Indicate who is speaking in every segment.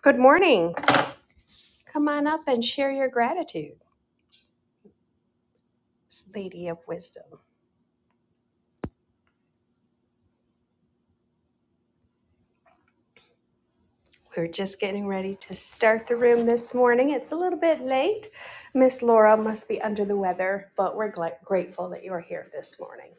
Speaker 1: Good morning. Come on up and share your gratitude, Lady of Wisdom. We're just getting ready to start the room this morning. It's a little bit late. Miss Laura must be under the weather, but we're gla- grateful that you're here this morning.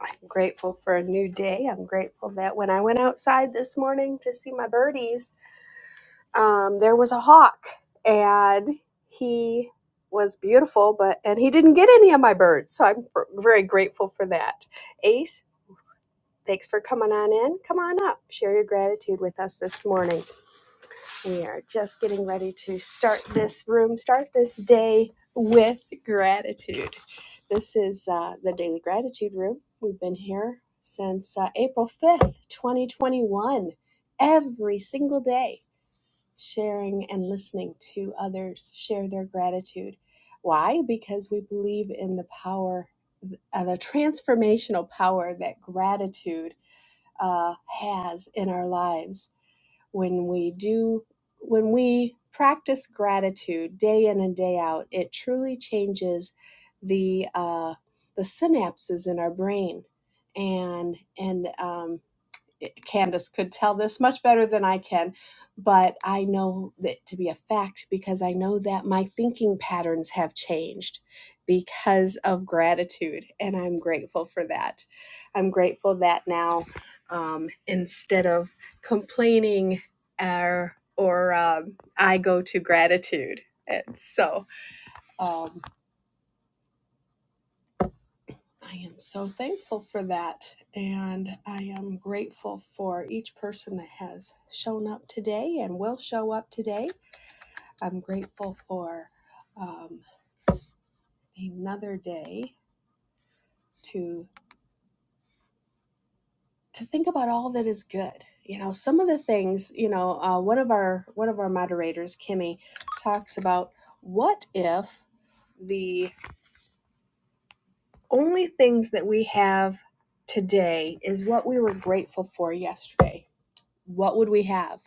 Speaker 1: I'm grateful for a new day. I'm grateful that when I went outside this morning to see my birdies, um, there was a hawk and he was beautiful, but and he didn't get any of my birds. So I'm very grateful for that. Ace. Thanks for coming on in. Come on up. Share your gratitude with us this morning. We are just getting ready to start this room, start this day with gratitude. This is uh, the Daily Gratitude Room. We've been here since uh, April 5th, 2021, every single day, sharing and listening to others share their gratitude. Why? Because we believe in the power, uh, the transformational power that gratitude uh, has in our lives when we do when we practice gratitude day in and day out it truly changes the uh, the synapses in our brain and and um, eh, Candace could tell this much better than I can, but I know that to be a fact because I know that my thinking patterns have changed because of gratitude, and I'm grateful for that. I'm grateful that now, um, instead of complaining or or um, I go to gratitude, and so. Um, I am so thankful for that. And I am grateful for each person that has shown up today and will show up today. I'm grateful for um, another day to to think about all that is good. You know, some of the things. You know, uh, one of our one of our moderators, Kimmy, talks about what if the only things that we have today is what we were grateful for yesterday. What would we have?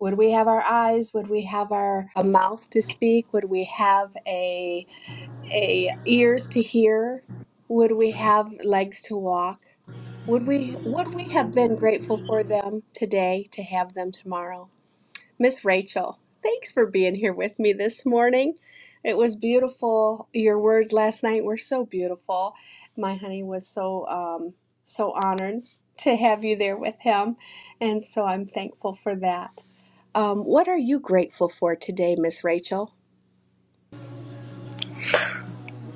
Speaker 1: Would we have our eyes? Would we have our a mouth to speak? Would we have a a ears to hear? Would we have legs to walk? Would we would we have been grateful for them today to have them tomorrow? Miss Rachel, thanks for being here with me this morning. It was beautiful. Your words last night were so beautiful. My honey was so um, so honored to have you there with him, and so I'm thankful for that. Um, what are you grateful for today, Miss Rachel?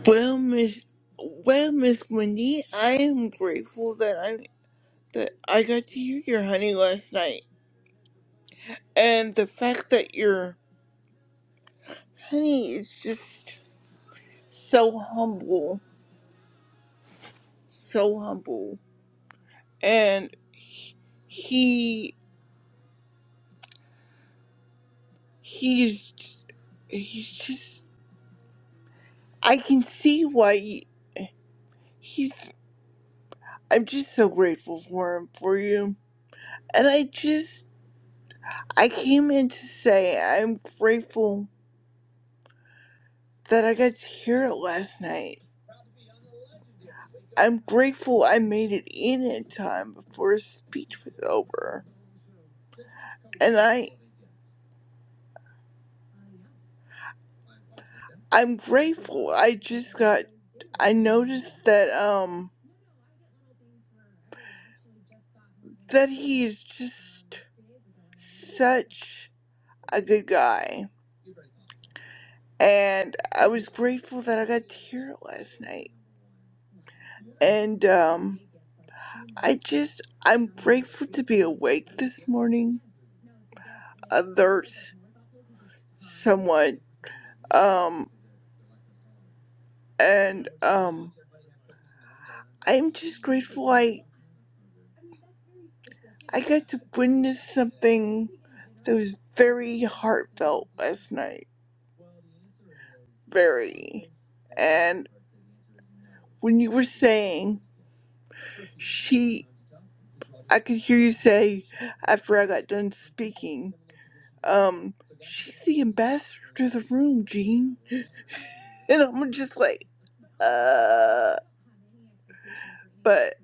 Speaker 2: Well, Miss, well, Miss Wendy, I am grateful that I that I got to hear your honey last night, and the fact that your honey is just so humble, so humble, and he he's he's just I can see why he, he's. I'm just so grateful for him for you, and I just I came in to say I'm grateful that I got to hear it last night I'm grateful I made it in in time before his speech was over. And I, I'm grateful I just got, I noticed that, um, that he is just such a good guy. And I was grateful that I got to hear it last night. And um, I just, I'm grateful to be awake this morning, alert, somewhat. Um, and um, I'm just grateful I, I got to witness something that was very heartfelt last night. Very. And when you were saying, she, I could hear you say after I got done speaking, um, she's the ambassador to the room, Gene. And I'm just like, uh, but,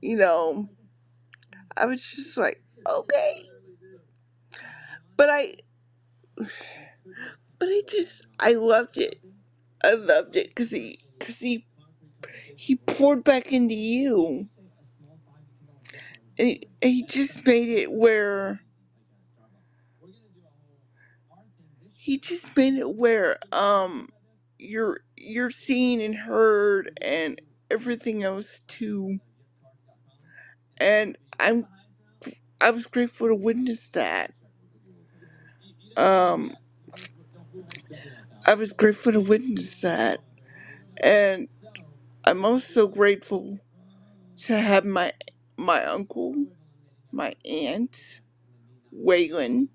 Speaker 2: you know, I was just like, okay. But I, but I just, I loved it. I loved it because he, because he, he poured back into you. And he, and he just made it where He just made it where um you're you're seen and heard and everything else too. And I'm I was grateful to witness that. Um I was grateful to witness that. And I'm also grateful to have my my uncle, my aunt, Waylon,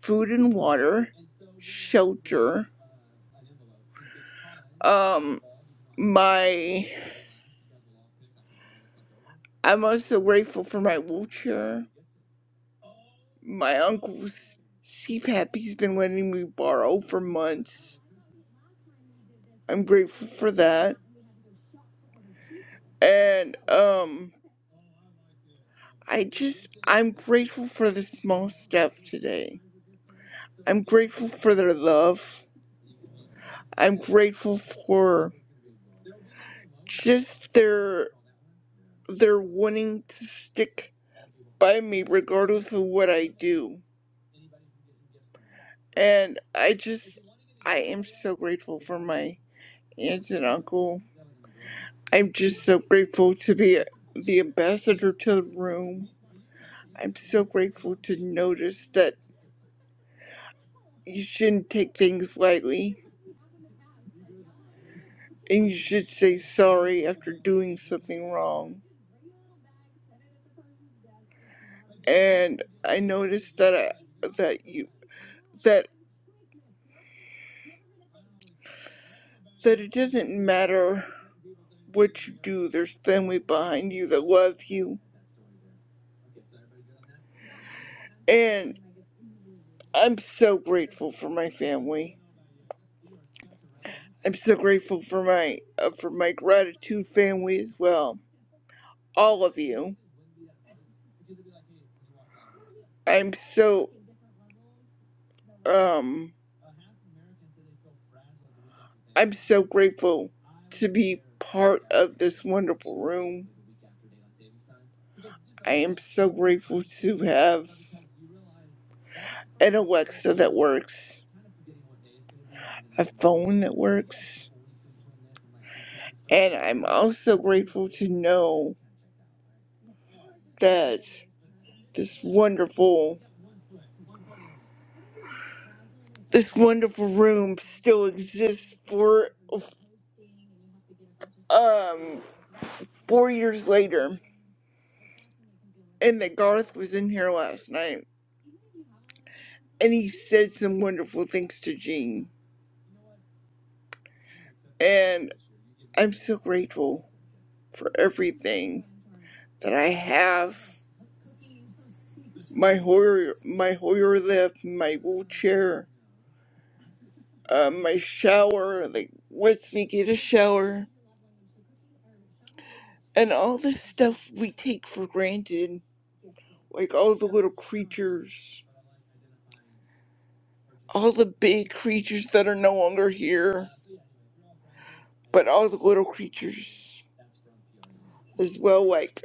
Speaker 2: food and water, shelter. Um, my I'm also grateful for my wheelchair. My uncle's CPAP he's been letting me borrow for months. I'm grateful for that. And um I just I'm grateful for the small stuff today. I'm grateful for their love. I'm grateful for just their their wanting to stick by me regardless of what I do. And I just I am so grateful for my aunt and uncle. I'm just so grateful to be the ambassador to the room. I'm so grateful to notice that you shouldn't take things lightly. and you should say sorry after doing something wrong. And I noticed that I, that you that that it doesn't matter what you do. There's family behind you that love you, and I'm so grateful for my family. I'm so grateful for my uh, for my gratitude family as well. All of you. I'm so Um, I'm so grateful to be part of this wonderful room. I am so grateful to have an Alexa that works, a phone that works, and I'm also grateful to know that this wonderful This wonderful room still exists for um four years later, and that Garth was in here last night, and he said some wonderful things to Jean, and I'm so grateful for everything that I have. My Hoyer, my Hoyer lift, my wheelchair, uh, my shower, like what's me get a shower, and all the stuff we take for granted, like all the little creatures, all the big creatures that are no longer here, but all the little creatures as well. Like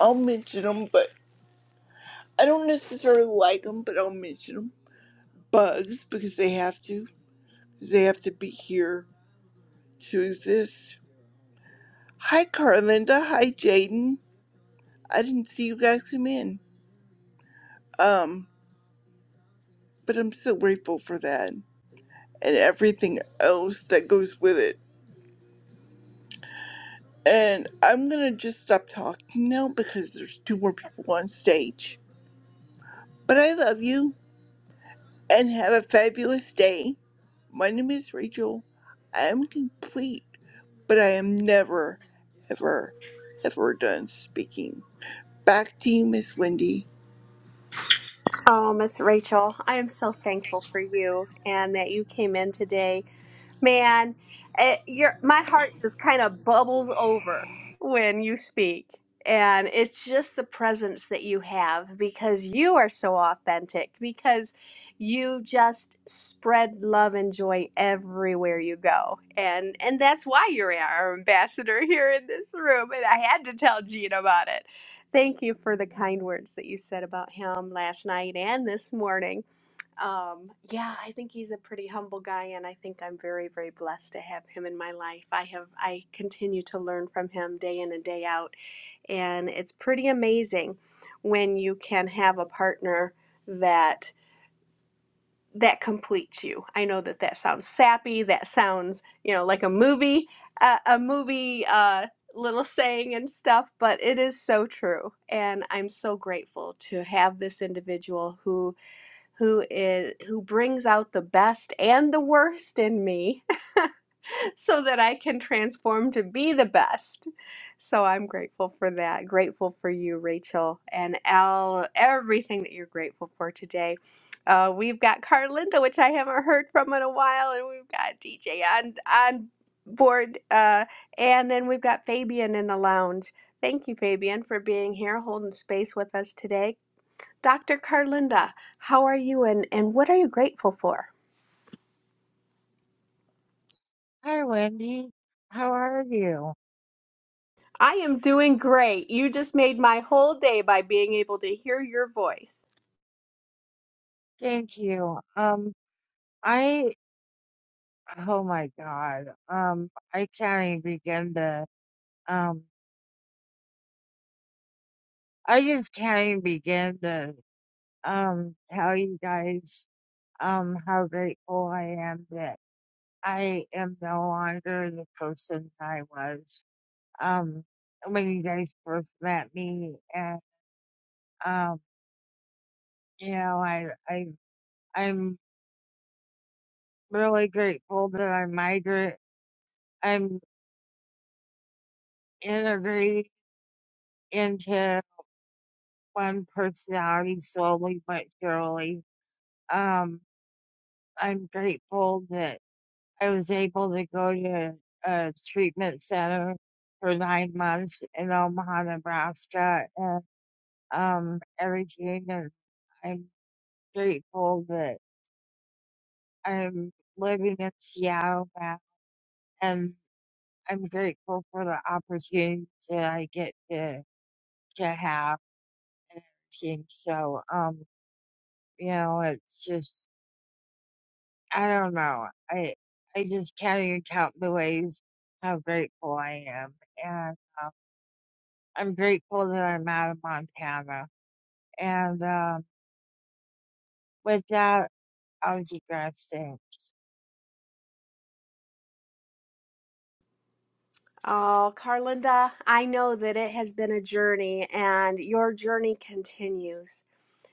Speaker 2: I'll mention them, but I don't necessarily like them, but I'll mention them. Bugs because they have to, 'cause they have to be here to exist. Hi, Carlinda. Hi, Jaden. I didn't see you guys come in. Um, but I'm so grateful for that and everything else that goes with it. And I'm gonna just stop talking now because there's two more people on stage. But I love you and have a fabulous day. My name is Rachel. I am complete, but I am never, ever, ever done speaking. Back to you, Miss Wendy.
Speaker 1: Oh, Miss Rachel, I am so thankful for you and that you came in today. Man, it, your my heart just kind of bubbles over when you speak. And it's just the presence that you have because you are so authentic, because you just spread love and joy everywhere you go. And and that's why you're our ambassador here in this room. And I had to tell Gene about it Thank you for the kind words that you said about him last night and this morning. Um, yeah, I think he's a pretty humble guy, and I think I'm very, very blessed to have him in my life. I have, I continue to learn from him day in and day out, and it's pretty amazing when you can have a partner that that completes you. I know that that sounds sappy. That sounds, you know, like a movie, uh, a movie uh, little saying and stuff, but it is so true. And I'm so grateful to have this individual who who is who brings out the best and the worst in me so that I can transform to be the best. So I'm grateful for that. Grateful for you, Rachel, and Al, everything that you're grateful for today. Uh, we've got Carlinda, which I haven't heard from in a while, and we've got DJ on on board, uh, and then we've got Fabian in the lounge. Thank you, Fabian, for being here, holding space with us today. Dr. Carlinda, how are you, and, and what are you grateful for?
Speaker 3: Hi, Wendy. How are you?
Speaker 1: I am doing great. You just made my whole day by being able to hear your voice.
Speaker 3: Thank you. Um, I, oh my God. Um, I can't even begin to, um, I just can't even begin to, um, tell you guys, um, how grateful I am that I am no longer the person I was, um, when you guys first met me. And, um, you know, I, I, I'm really grateful that I'm i migrate. I'm integrate into one personality slowly but surely. Um, I'm grateful that I was able to go to a treatment center for nine months in Omaha, Nebraska, and um, everything. And I'm grateful that I'm living in Seattle now, and I'm grateful for the opportunities that I get to to have and everything. So, um, you know, it's just I don't know. I I just can't even count the ways how grateful I am, and um, I'm grateful that I'm out of Montana. And um, with that, I'll digress. Thanks.
Speaker 1: Oh, Carlinda, I know that it has been a journey and your journey continues.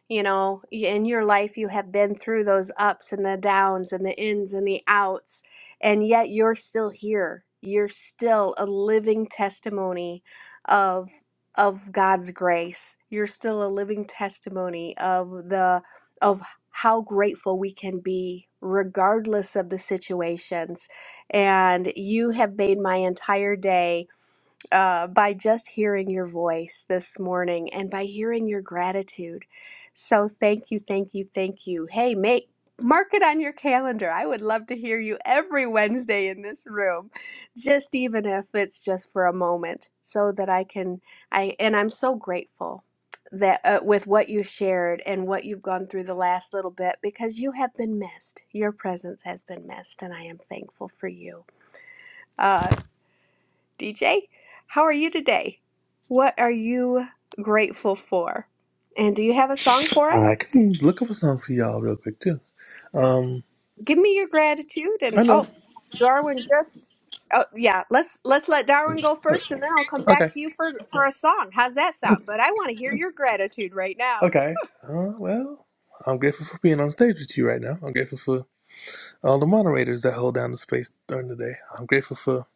Speaker 1: You know, in your life, you have been through those ups and the downs and the ins and the outs, and yet you're still here. You're still a living testimony of of God's grace. You're still a living testimony of the of how grateful we can be regardless of the situations. And you have made my entire day uh, by just hearing your voice this morning and by hearing your gratitude. So thank you, thank you, thank you. Hey, make mark it on your calendar. I would love to hear you every Wednesday in this room, just even if it's just for a moment, so that I can. I and I'm so grateful that uh, with what you shared and what you've gone through the last little bit because you have been missed your presence has been missed and i am thankful for you Uh, DJ, how are you today? What are you grateful for? And do you have a song for
Speaker 4: I
Speaker 1: us?
Speaker 4: can look up something for y'all real quick too. Um,
Speaker 1: Give me your gratitude and
Speaker 4: I know.
Speaker 1: oh, Darwin just Oh yeah, let's let's let Darwin go
Speaker 4: Uh,
Speaker 1: first and then I'll come back
Speaker 4: okay.
Speaker 1: to you for for a song. How's that
Speaker 4: Uh,
Speaker 1: sound? But I want to hear your gratitude right now.
Speaker 4: Okay. Uh, well, I'm grateful for being on stage with you right now. I'm grateful for all the moderators that hold down the space during the day. I'm grateful for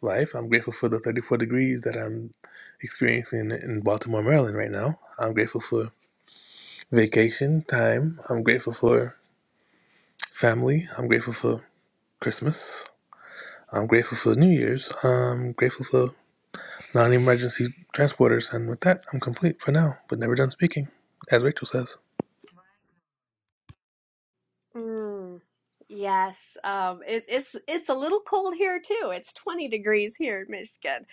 Speaker 4: life. I'm grateful for the 34 degrees that I'm experiencing in Baltimore, Maryland right now. I'm grateful for vacation time. I'm grateful for family. I'm grateful for Christmas. I'm grateful for New Year's. I'm grateful for non emergency transporters. And with that, I'm complete for now, but never done speaking, as Rachel says.
Speaker 1: Mm, yes, um, it, it's it's a little cold here too. It's 20 degrees here in Michigan,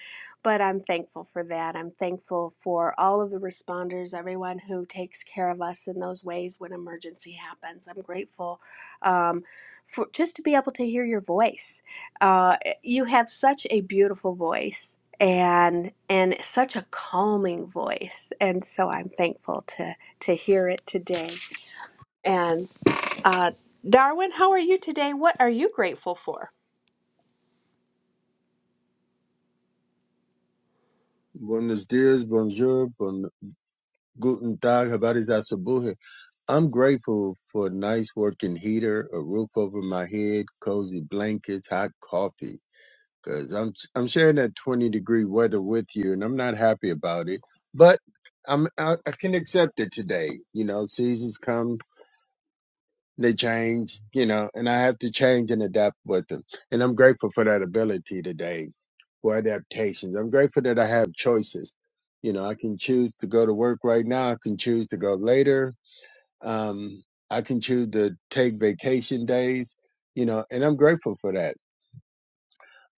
Speaker 1: but I'm thankful for that. I'm thankful for all of the responders, everyone who takes care of us in those ways when emergency happens. I'm grateful um, for just to be able to hear your voice. Uh, eh, you have such a beautiful voice. And and such a calming voice, and so I'm thankful to to hear it today and. Uh, Darwin, how are you today? What are you grateful for?
Speaker 5: Buenos dias, bonjour, bon, guten tag, habarizasabuhi. I'm grateful for a nice working heater, a roof over my head, cozy blankets, hot coffee. Cause I'm I'm sharing that 20 degree weather with you, and I'm not happy about it. But I'm I, I can accept it today. You know, seasons come, they change, you know, and I have to change and adapt with them. And I'm grateful for that ability today for adaptations. I'm grateful that I have choices. You know, I can choose to go to work right now. I can choose to go later. Um, I can choose to take vacation days, you know, and I'm grateful for that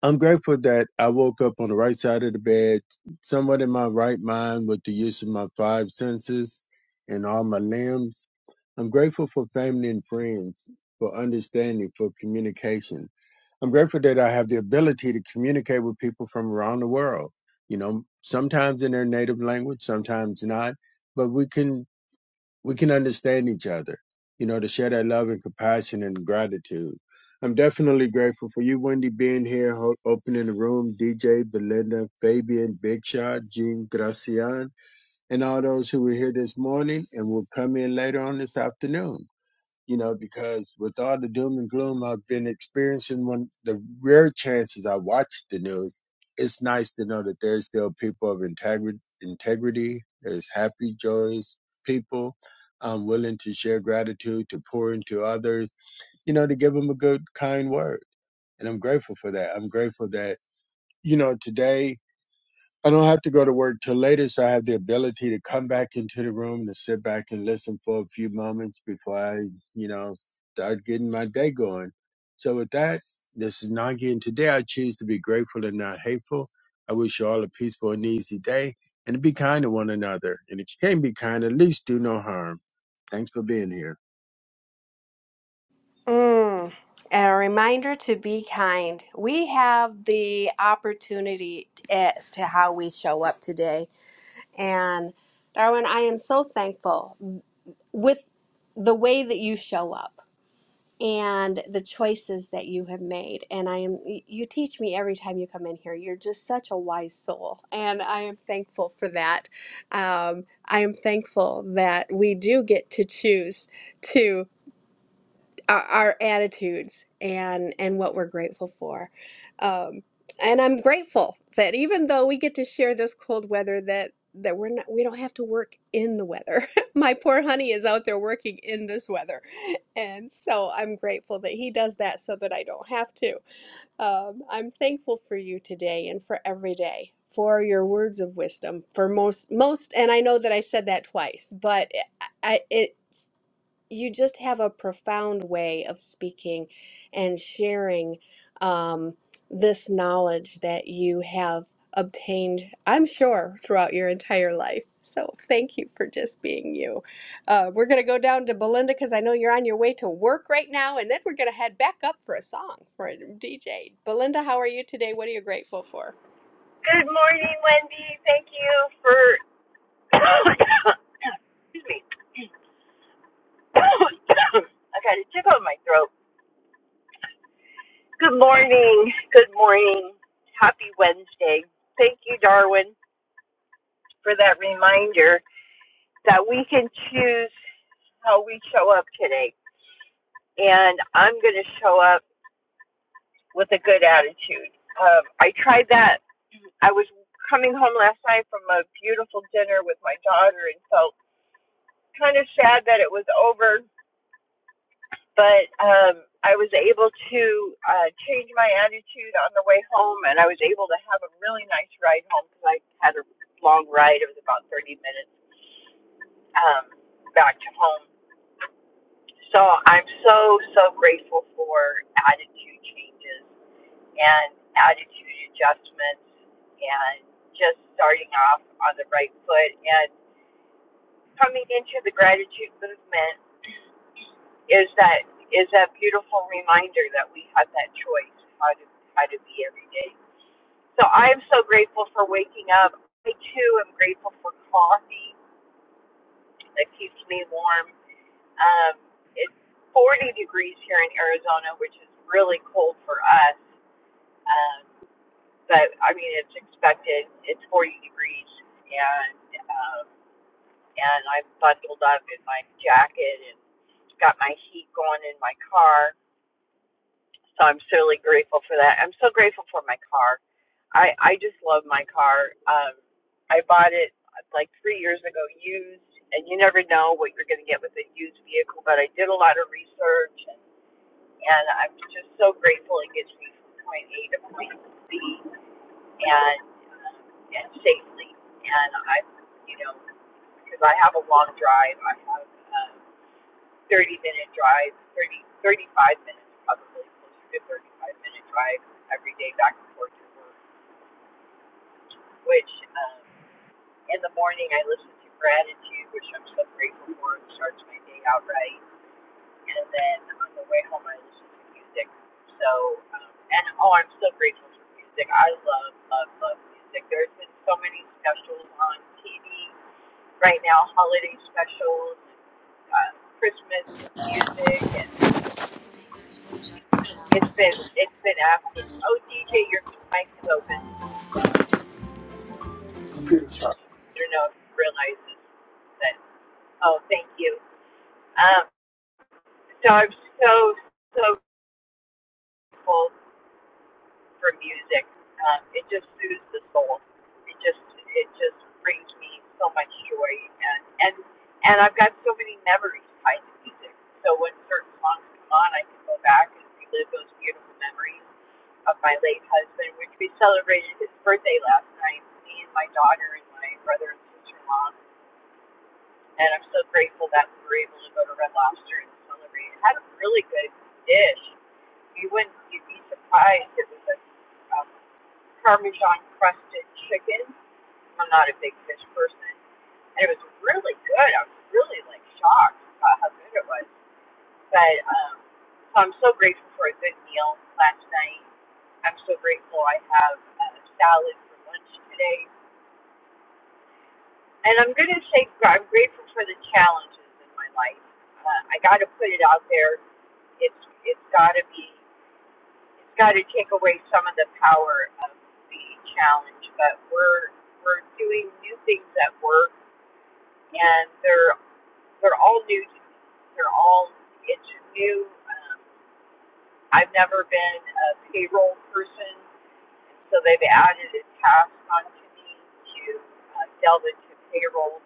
Speaker 5: I'm grateful that I woke up on the right side of the bed, somewhat in my right mind with the use of my five senses and all my limbs. I'm grateful for family and friends, for understanding, for communication. I'm grateful that I have the ability to communicate with people from around the world, you know, sometimes in their native language, sometimes not, but we can we can understand each other, you know, to share that love and compassion and gratitude. I'm definitely grateful for you, Wendy, being here, ho- opening the room, DJ, Belinda, Fabian, Big Shot, Jean, Gracian, and all those who were here this morning and will come in later on this afternoon you know, because with all the doom and gloom I've been experiencing, when the rare chances I watch the news, it's nice to know that there's still people of integrity, integrity. There's happy, joyous people, um, willing to share gratitude, to pour into others, you know, to give them a good, kind word. And I'm grateful for that. I'm grateful that, you know, today I don't have to go to work till later, so I have the ability to come back into the room to sit back and listen for a few moments before I, you know, start getting my day going. So with that, this is Nagi, and today I choose to be grateful and not hateful. I wish you all a peaceful and easy day, and to be kind to one another. And if you can't be kind, at least do no harm. Thanks for being here.
Speaker 1: Mm. And a reminder to be kind. We have the opportunity as to how we show up today. And Darwin, I am so thankful with the way that you show up. and the choices that you have made. And I am, you teach me every time you come in here. You're just such a wise soul. And I am thankful for that. Um, I am thankful that we do get to choose to our, our attitudes and and what we're grateful for um and i'm grateful that even though we get to share this cold weather that that we're not we don't have to work in the weather my poor honey is out there working in this weather and so i'm grateful that he does that so that i don't have to um, i'm thankful for you today and for every day for your words of wisdom for most most and i know that i said that twice but eh, I I- it you just have a profound way of speaking and sharing um, this knowledge that you have obtained, I'm sure, throughout your entire life. So thank you for just being you. Uh, we're going to go down to Belinda because I know you're on your way to work right now, and then we're going to head back up for a song for a DJ. Belinda, how are you today? What are you grateful for?
Speaker 6: Good morning, Wendy. Thank you for. Excuse me. I got a tickle in my throat. Good morning. Good morning. Happy Wednesday. Thank you, Darwin, for that reminder that we can choose how we show up today. And I'm going to show up with a good attitude. Um, I tried that. I was coming home last night from a beautiful dinner with my daughter and felt kind of sad that it was over but um, I was able to uh, change my attitude on the way home, and I was able to have a really nice ride home because I had a long ride. It was about 30 minutes um, back to home. So I'm so, so grateful for attitude changes and attitude adjustments and just starting off on the right foot and coming into the gratitude movement is that is that beautiful reminder that we have that choice how to how to be every day. So I am so grateful for waking up. I too am grateful for coffee that keeps me warm. Um, it's 40 degrees here in Arizona, which is really cold for us. Um, but I mean, it's expected. It's 40 degrees, and um, and I'm bundled up in my jacket and got my heat going in my car So I'm certainly grateful for that. I'm so grateful for my car. I I just love my car. Um, I bought it like three years ago, used, and you never know what you're going to get with a used vehicle. But I did a lot of research, and, and I'm just so grateful it gets me from point A to point B, and and safely. And I, you know, because I have a long drive, I have. um, 30 minute drive, 30 35 minutes probably, closer to 35 minute drive every day back and forth to work, which um, in the morning I listen to gratitude, which I'm so grateful for. It starts my day out right. And then on the way home, I listen to music. So, um, and oh, I'm so grateful for music. I love, love, love music. There's been so many specials on TV right now, holiday specials, uh, Christmas music, and It's been it's been absolute. Oh, DJ, your mic is open. I don't know if you realize this, but oh, thank you. Um, so I'm so so grateful for music. Um, it just soothes the soul. It just it just brings me so much joy, and and and I've got so many memories tied to music. So when certain songs come on, I can go back and relive those beautiful memories of my late husband, which we celebrated his birthday last night, me and my daughter and my brother and sister in law. And I'm so grateful that we were able to go to Red Lobster and celebrate. It had a really good dish. You wouldn't you'd be surprised. It was a um, Parmesan crusted chicken. I'm not a big fish person. And it was really good. I was really like shocked about how good it was. But um, so I'm so grateful for a good meal last night. I'm so grateful I have a salad for lunch today. And I'm going to say gr- I'm grateful for the challenges in my life. Uh, I got to put it out there. It's it's got to be it's got to take away some of the power of the challenge. But we're we're doing new things at work, and they're they're all new to me. They're all it's new. Um, I've never been a payroll person, so they've added a task onto me to uh, delve into payroll.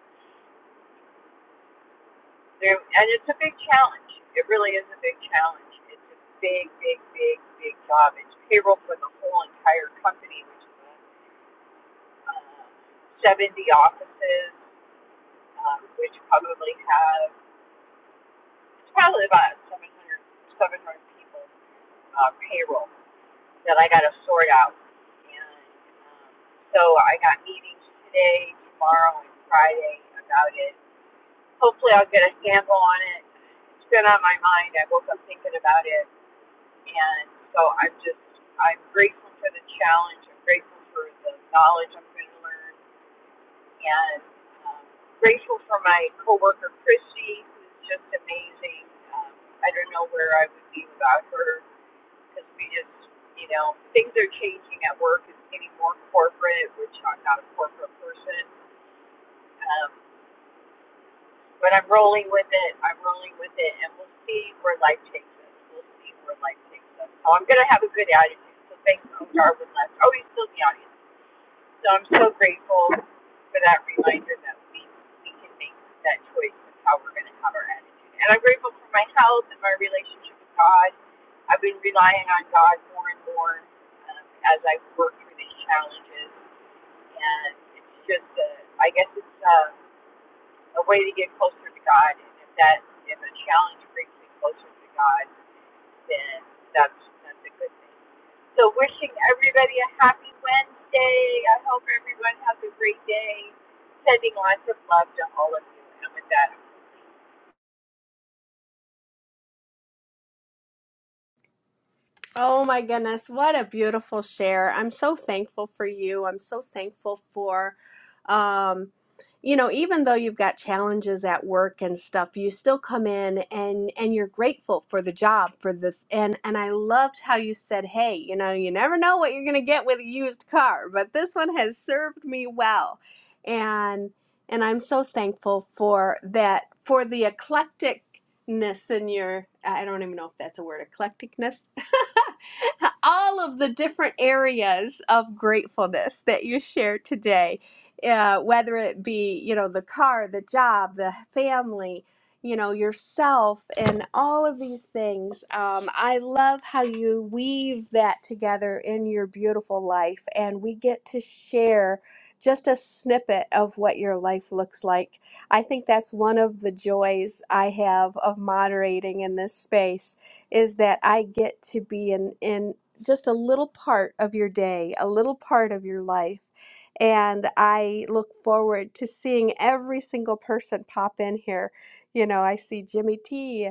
Speaker 6: There, and it's a big challenge. It really is a big challenge. It's a big, big, big, big job. It's payroll for the whole entire company, which is uh, 70 offices, um, which probably have it's probably about 700, 700 people uh, payroll. that I got to sort out. And um, so I got meetings today, tomorrow, and Friday about it. Hopefully, I'll get a sample on it. It's been on my mind. I woke up thinking about it, and so I'm just I'm grateful for the challenge. I'm grateful for the knowledge I'm going to learn, and um, grateful for my coworker Christy, who's just amazing. Um, I don't know where I would be without her because we just, you know, things are changing at work. It's getting more corporate, which I'm not a corporate person. Um, but I'm rolling with it. I'm rolling with it, and we'll see where life takes us. We'll see where life takes us. So I'm going to have a good attitude. So thanks, I'll start with left. Oh, he's still in the audience. So I'm so grateful for that reminder that we, we can make that choice of how we're going to have our attitude. And I'm grateful for my health and my relationship with God. I've been relying on God more and more um, as I work through these challenges. And it's just, a, I guess it's a, a way to get closer to God. And if that is a challenge, brings me closer to God then that's that's a good thing. So wishing everybody a happy Wednesday. I hope everyone has a great day. Sending lots of love to all of you. And with that,
Speaker 1: Oh my goodness, what a beautiful share. I'm so thankful for you. I'm so thankful for um you know, even though you've got challenges at work and stuff, you still come in and and you're grateful for the job, for the and and I loved how you said, "Hey, you know, you never know what you're going to get with a used car, but this one has served me well." And and I'm so thankful for that for the eclecticness in your I don't even know if that's a word, eclecticness all of the different areas of gratefulness that you shared today, uh, whether it be, you know, the car, the job, the family, you know, yourself, and all of these things. Um, I love how you weave that together in your beautiful life, and we get to share just a snippet of what your life looks like. I think that's one of the joys I have of moderating in this space is that I get to be in in just a little part of your day, a little part of your life. And I look forward to seeing every single person pop in here. You know, I see Jimmy T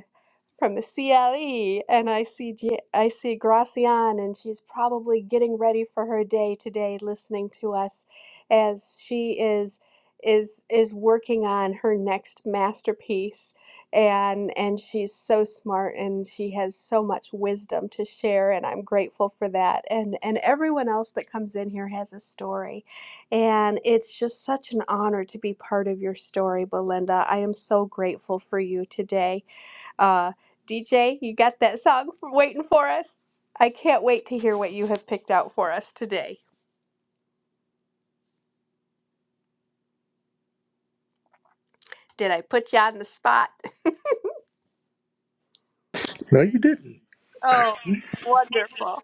Speaker 1: from the CLE, and I see J- I see Gracian, and she's probably getting ready for her day today, listening to us as she is is is working on her next masterpiece, and and she's so smart, and she has so much wisdom to share, and I'm grateful for that, and and everyone else that comes in here has a story, and it's just such an honor to be part of your story, Belinda. I am so grateful for you today uh, DJ, you got that song for, waiting for us? I can't wait to hear what you have picked out for us today. Did I put you on the spot?
Speaker 4: No, you didn't.
Speaker 1: Oh, wonderful.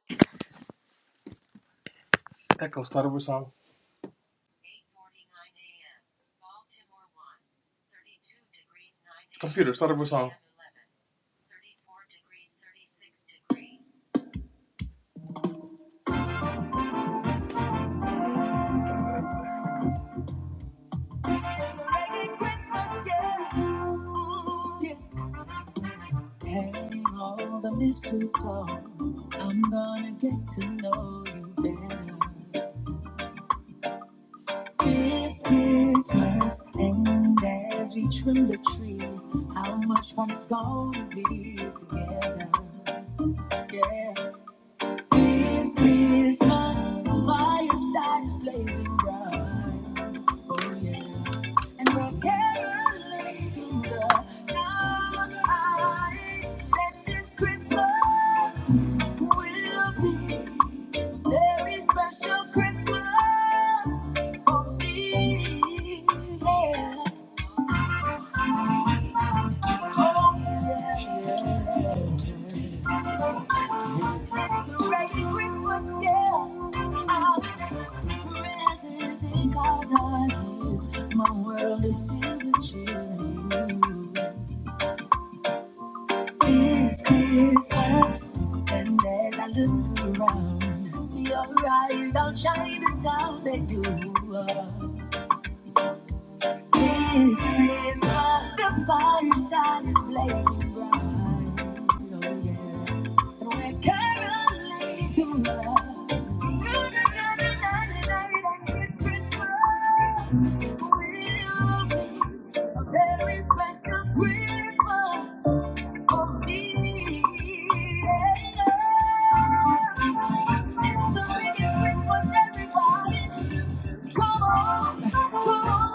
Speaker 4: Echo, start over song. Computer, start over song. Merry Christmas, yeah. Yeah. Hang all the mistletoe. I'm gonna get to know you better. This Christmas, and as we trim the tree, how much fun it's gonna be together. Yeah. This Christmas, the fireside is blazing bright. Oh yeah. And we're caroling through the night. And this Christmas will be a very special Christmas. My world is filled with you. It's Christmas, and as I look around, your eyes outshine the town they do. It's Christmas, the fireside is blazing bright. Oh, yeah. We're caroling to love. It's Christmas. will be a very special Christmas for me. Yeah. It's a mini Christmas, everybody. Christmas, oh,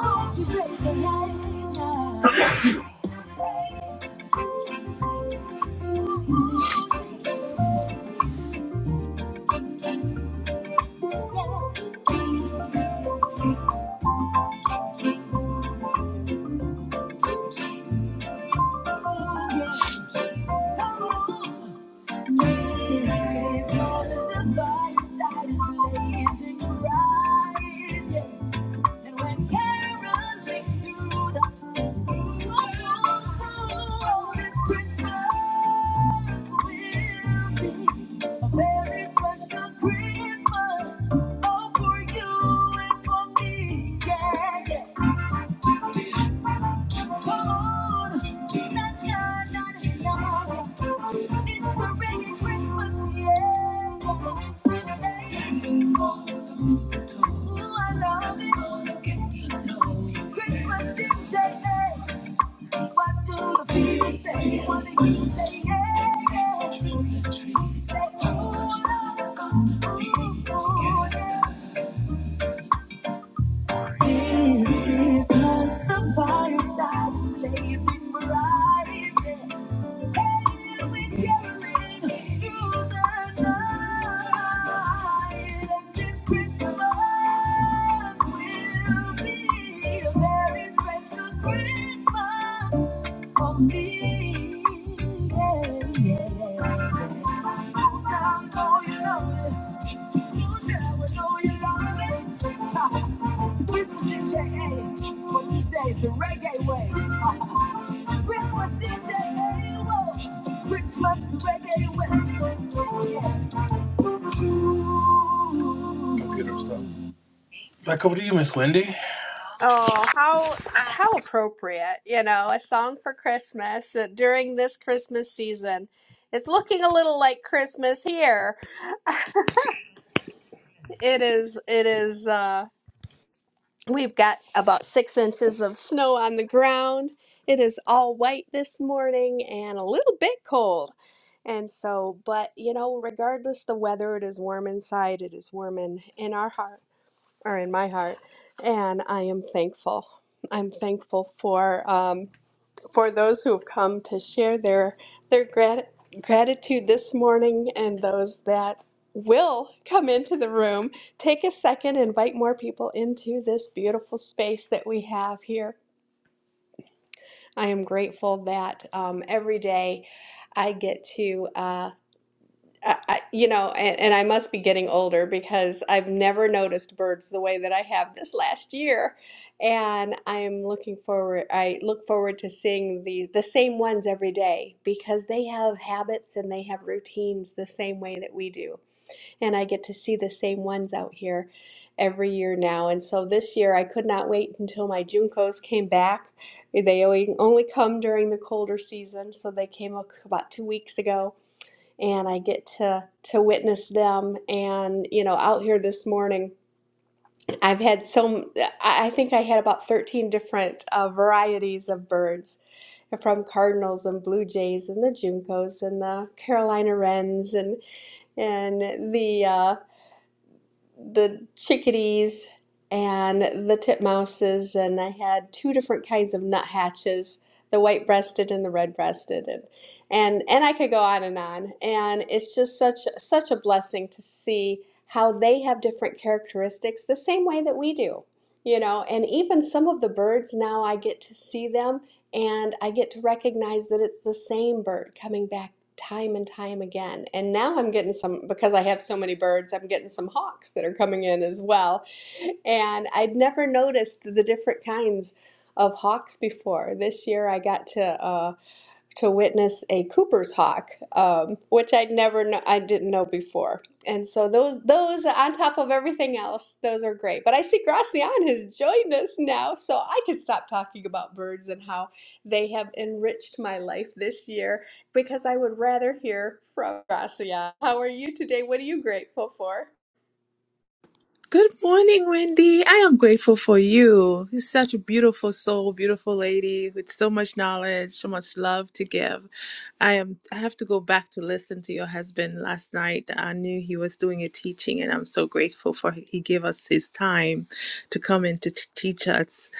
Speaker 4: for you and for me, yeah, yeah. Say, oh, it's gonna be together. This Christmas, a fireside blazing bright. And we're carolling through the night. This Christmas will be a very special Christmas for me. Yeah, yeah, yeah. Now know you love me. You never know you love me. Ha. It's Christmas in J.A. What we say is the reggae way. Christmas in J.A. whoa. Christmas the reggae way. Yeah. Computer stuff. Back over to you, Miss Wendy.
Speaker 1: Oh, how how appropriate, you know, a song for Christmas uh, during this Christmas season. It's looking a little like Christmas here. it is it is uh We've got about six inches of snow on the ground. It is all white this morning and a little bit cold. And so, but you know, regardless the weather, it is warm inside, it is warm in, in our heart or in my heart. And I am thankful. I'm thankful for. um, for those who have come to share their their grat- gratitude this morning and those that will come into the room take a second invite more people into this beautiful space that we have here i am grateful that um, every day i get to uh, I, I- you know, and, and I must be getting older because I've never noticed birds the way that I have this last year. And I am looking forward, I look forward to seeing the, the same ones every day because they have habits and they have routines the same way that we do. And I get to see the same ones out here every year now. And so this year I could not wait until my Juncos came back. They only only come during the colder season, so they came up about two weeks ago and I get to to witness them. And you know, out here this morning, I've had so I I think I had about 13 different uh, varieties of birds uh, from cardinals and blue jays and the juncos and the Carolina wrens and and the uh, the chickadees and the titmouses, and I had two different kinds of nuthatches, the white-breasted and the red-breasted, and and and I could go on and on. And it's just such such a blessing to see how they have different characteristics, the same way that we do, you know. And even some of the birds now, I get to see them, and I get to recognize that it's the same bird coming back time and time again. And now I'm getting some, because I have so many birds, I'm getting some hawks that are coming in as well. And I'd never noticed the different kinds of hawks before. This year I got to. uh, to witness a Cooper's hawk, um, which I never know, I didn't know before. And so those those on top of everything else, those are great. But I see Gracian has joined us now, so I can stop talking about birds and how they have enriched my life this year because I would rather hear from Gracian. How are you today? What are you grateful for?
Speaker 7: Good morning, Wendy. I am grateful for you. You're such a beautiful soul, beautiful lady with so much knowledge, so much love to give. I am I have to go back to listen to your husband last night. I knew he was doing a teaching and I'm so grateful for he gave us his time to come in to t- teach us.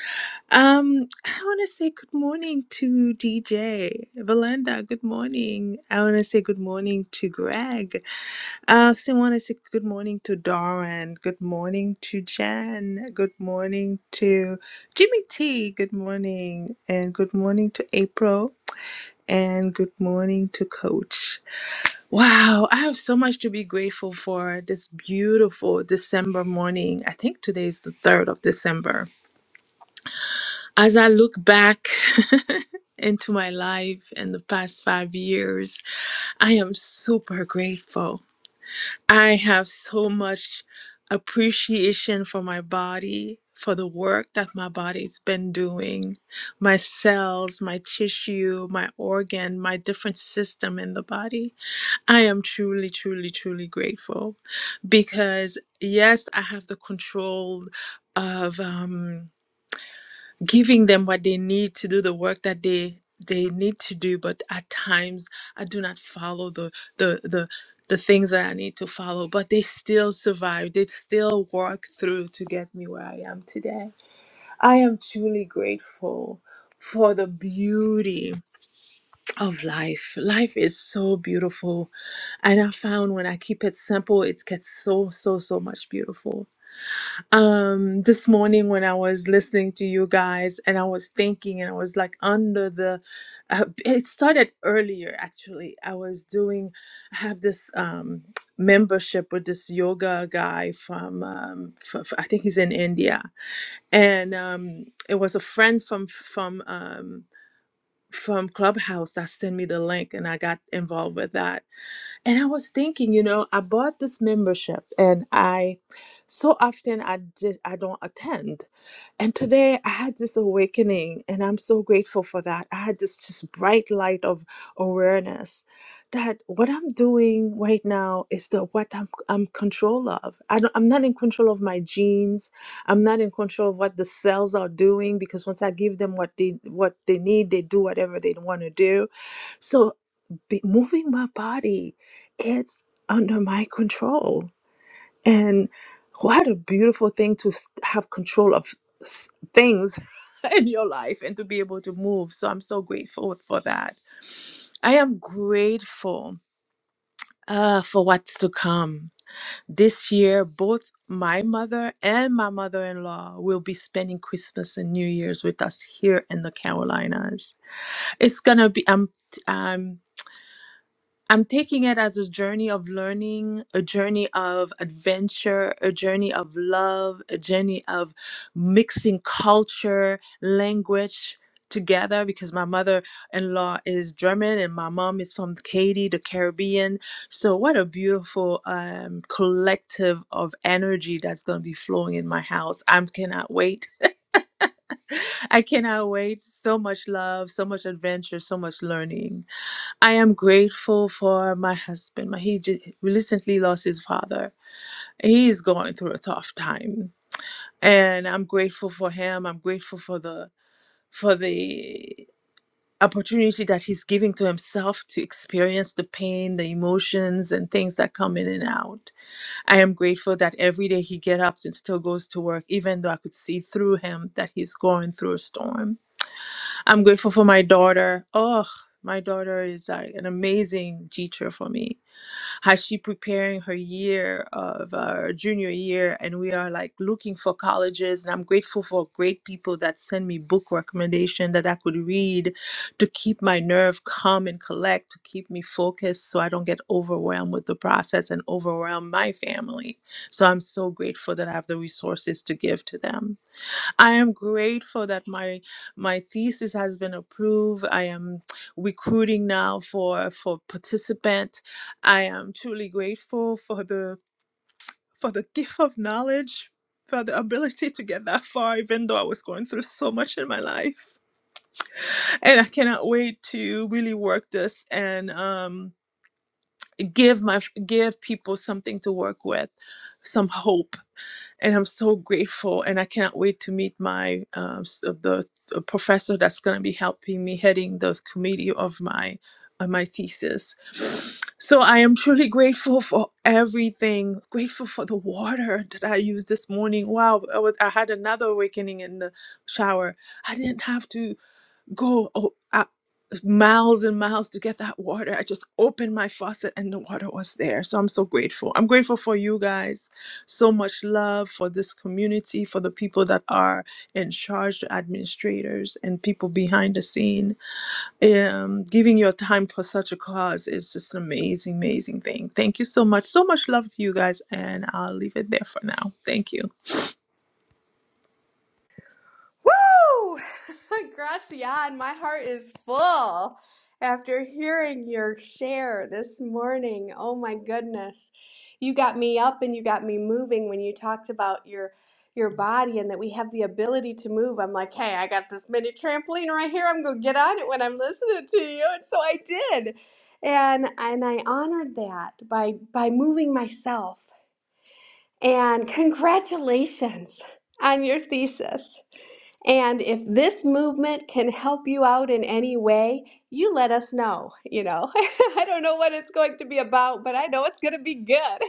Speaker 7: Um I want to say good morning to DJ. Belinda, good morning. I want to say good morning to Greg. Uh, so I want to say good morning to Doran, Good morning to Jen. Good morning to Jimmy T. Good morning. And good morning to April. And good morning to Coach. Wow, I have so much to be grateful for this beautiful December morning. I think today is the 3rd of December. As I look back into my life and the past five years, I am super grateful. I have so much appreciation for my body, for the work that my body's been doing, my cells, my tissue, my organ, my different system in the body. I am truly, truly, truly grateful because, yes, I have the control of. Um, giving them what they need to do the work that they they need to do but at times i do not follow the the the the things that i need to follow but they still survive they still work through to get me where i am today i am truly grateful for the beauty of life life is so beautiful and i found when i keep it simple it gets so so so much beautiful um this morning when i was listening to you guys and i was thinking and i was like under the uh, it started earlier actually i was doing i have this um membership with this yoga guy from um f- f- i think he's in india and um it was a friend from from um from clubhouse that sent me the link and i got involved with that and I was thinking, you know, I bought this membership and I so often I just I don't attend. And today I had this awakening and I'm so grateful for that. I had this just bright light of awareness that what I'm doing right now is the what I'm I'm control of. I don't, I'm not in control of my genes. I'm not in control of what the cells are doing because once I give them what they what they need, they do whatever they want to do. So be moving my body it's under my control and what a beautiful thing to s- have control of s- things in your life and to be able to move so i'm so grateful for that i am grateful uh, for what's to come this year both my mother and my mother-in-law will be spending christmas and new year's with us here in the carolinas it's gonna be i'm I'm taking it as a journey of learning, a journey of adventure, a journey of love, a journey of mixing culture, language together because my mother in law is German and my mom is from Haiti, the Caribbean. So, what a beautiful um, collective of energy that's going to be flowing in my house. I cannot wait. I cannot wait. So much love, so much adventure, so much learning. I am grateful for my husband. My- He just recently lost his father. He's going through a tough time, and I'm grateful for him. I'm grateful for the for the opportunity that he's giving to himself to experience the pain, the emotions, and things that come in and out. I am grateful that every day he gets up and still goes to work, even though I could see through him that he's going through a storm. I'm grateful for my daughter. Oh, my daughter is uh, an amazing teacher for me. How she preparing her year of uh, junior year, and we are like looking for colleges. And I'm grateful for great people that send me book recommendation that I could read to keep my nerve calm and collect, to keep me focused, so I don't get overwhelmed with the process and overwhelm my family. So I'm so grateful that I have the resources to give to them. I am grateful that my my thesis has been approved. I am recruiting now for for participant. I am truly grateful for the for the gift of knowledge, for the ability to get that far, even though I was going through so much in my life. And I cannot wait to really work this and um, give my give people something to work with, some hope and I'm so grateful. And I cannot wait to meet my um, s- uh, the, the professor that's going to be helping me heading the committee of my uh, my thesis. So I am truly grateful for everything. Grateful for the water that I used this morning. Wow, I was I had another awakening in the shower. I didn't have to go oh, uh, miles and miles to get that water. I just opened my faucet and the water was there. So I'm so grateful. I'm grateful for you guys. So much love for this community, for the people that are in charge, the administrators, and people behind the scene. Um, giving your time for such a cause is just an amazing, amazing thing. Thank you so much. So much love to you guys. And I'll leave it there for now. Thank you.
Speaker 1: Woo! Gracian, my heart is full after hearing your share this morning. Oh my goodness. You got me up and you got me moving when you talked about your your body and that we have the ability to move. I'm like, "Hey, I got this mini trampoline right here. I'm going to get on it when I'm listening to you." And so I did. And and I honored that by by moving myself. And congratulations on your thesis. And if this movement can help you out in any way, you let us know. You know, I don't know what it's going to be about, but I know it's going to be good.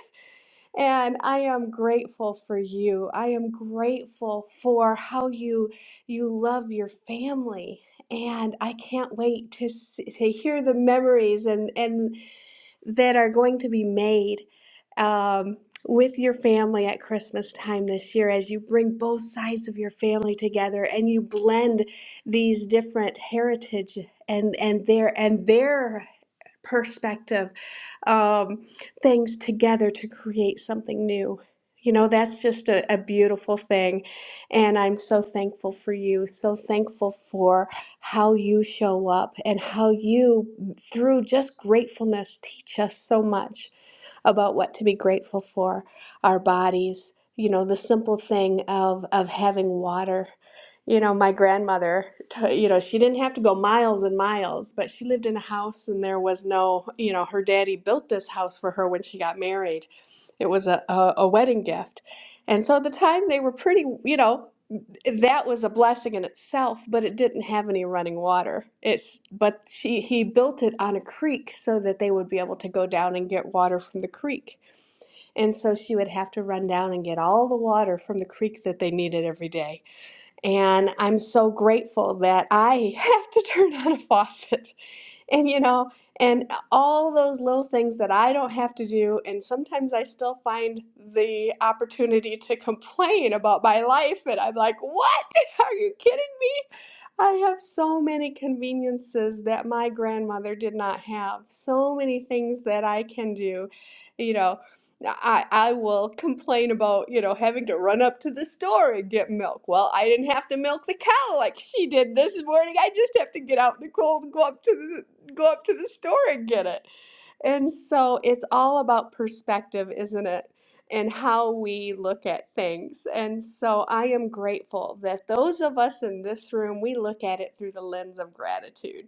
Speaker 1: And I am grateful for you. I am grateful for how you you love your family. And I can't wait to s- to hear the memories and and that are going to be made um, with your family at Christmas time this year as you bring both sides of your family together and you blend these different heritage and and their and their perspective, um, things together to create something new. You know, that's just a, a beautiful thing. And I'm so thankful for you, so thankful for how you show up and how you, through just gratefulness, teach us so much about what to be grateful for, our bodies, you know, the simple thing of of having water. You know, my grandmother, t- you know, she didn't have to go miles and miles, but she lived in a house and there was no, you know, her daddy built this house for her when she got married. It was a, a, a wedding gift. And so at the time they were pretty, you know, that was a blessing in itself, but it didn't have any running water. It's but she he built it on a creek so that they would be able to go down and get water from the creek. And so she would have to run down and get all the water from the creek that they needed every day. And I'm so grateful that I have to turn on a faucet and you know and all those little things that i don't have to do and sometimes i still find the opportunity to complain about my life and i'm like what are you kidding me I have so many conveniences that my grandmother did not have, so many things that I can do. You know, I, I will complain about, you know, having to run up to the store and get milk. Well, I didn't have to milk the cow like she did this morning. I just have to get out in the cold and go up to the go up to the store and get it. And so it's all about perspective, isn't it? And how we look at things. And so I am grateful that those of us in this room, we look at it through the lens of gratitude.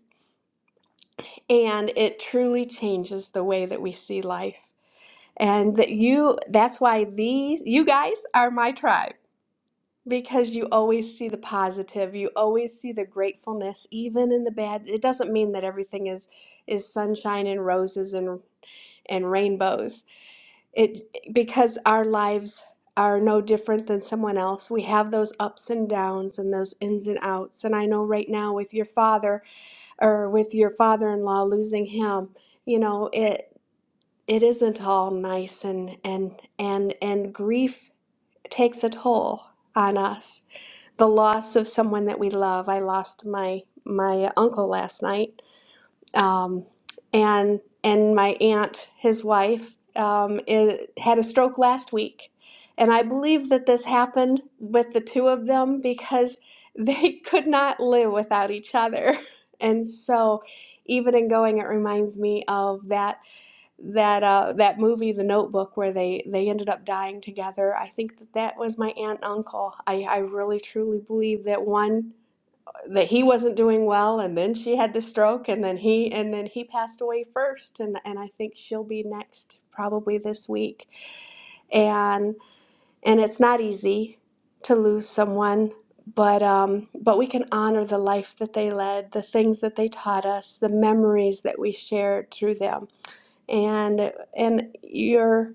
Speaker 1: And it truly changes the way that we see life. And that you, that's why these, you guys are my tribe because you always see the positive, you always see the gratefulness, even in the bad. It doesn't mean that everything is is sunshine and roses and and rainbows it because our lives are no different than someone else. We have those ups and downs and those ins and outs. And I know right now with your father or with your father-in-law losing him, you know, it it isn't all nice and and and and grief takes a toll on us. The loss of someone that we love. I lost my my uncle last night um, and and my aunt, his wife, um, i had a stroke last week, and I believe that this happened with the two of them because they could not live without each other, and so even in going, it reminds me of that that uh, that movie, The Notebook, where they they ended up dying together. I think that that was my aunt and uncle. I I really truly believe that one that he wasn't doing well and then she had the stroke and then he and then he passed away first and and I think she'll be next probably this week. And and it's not easy to lose someone, but um but we can honor the life that they led, the things that they taught us, the memories that we shared through them and and your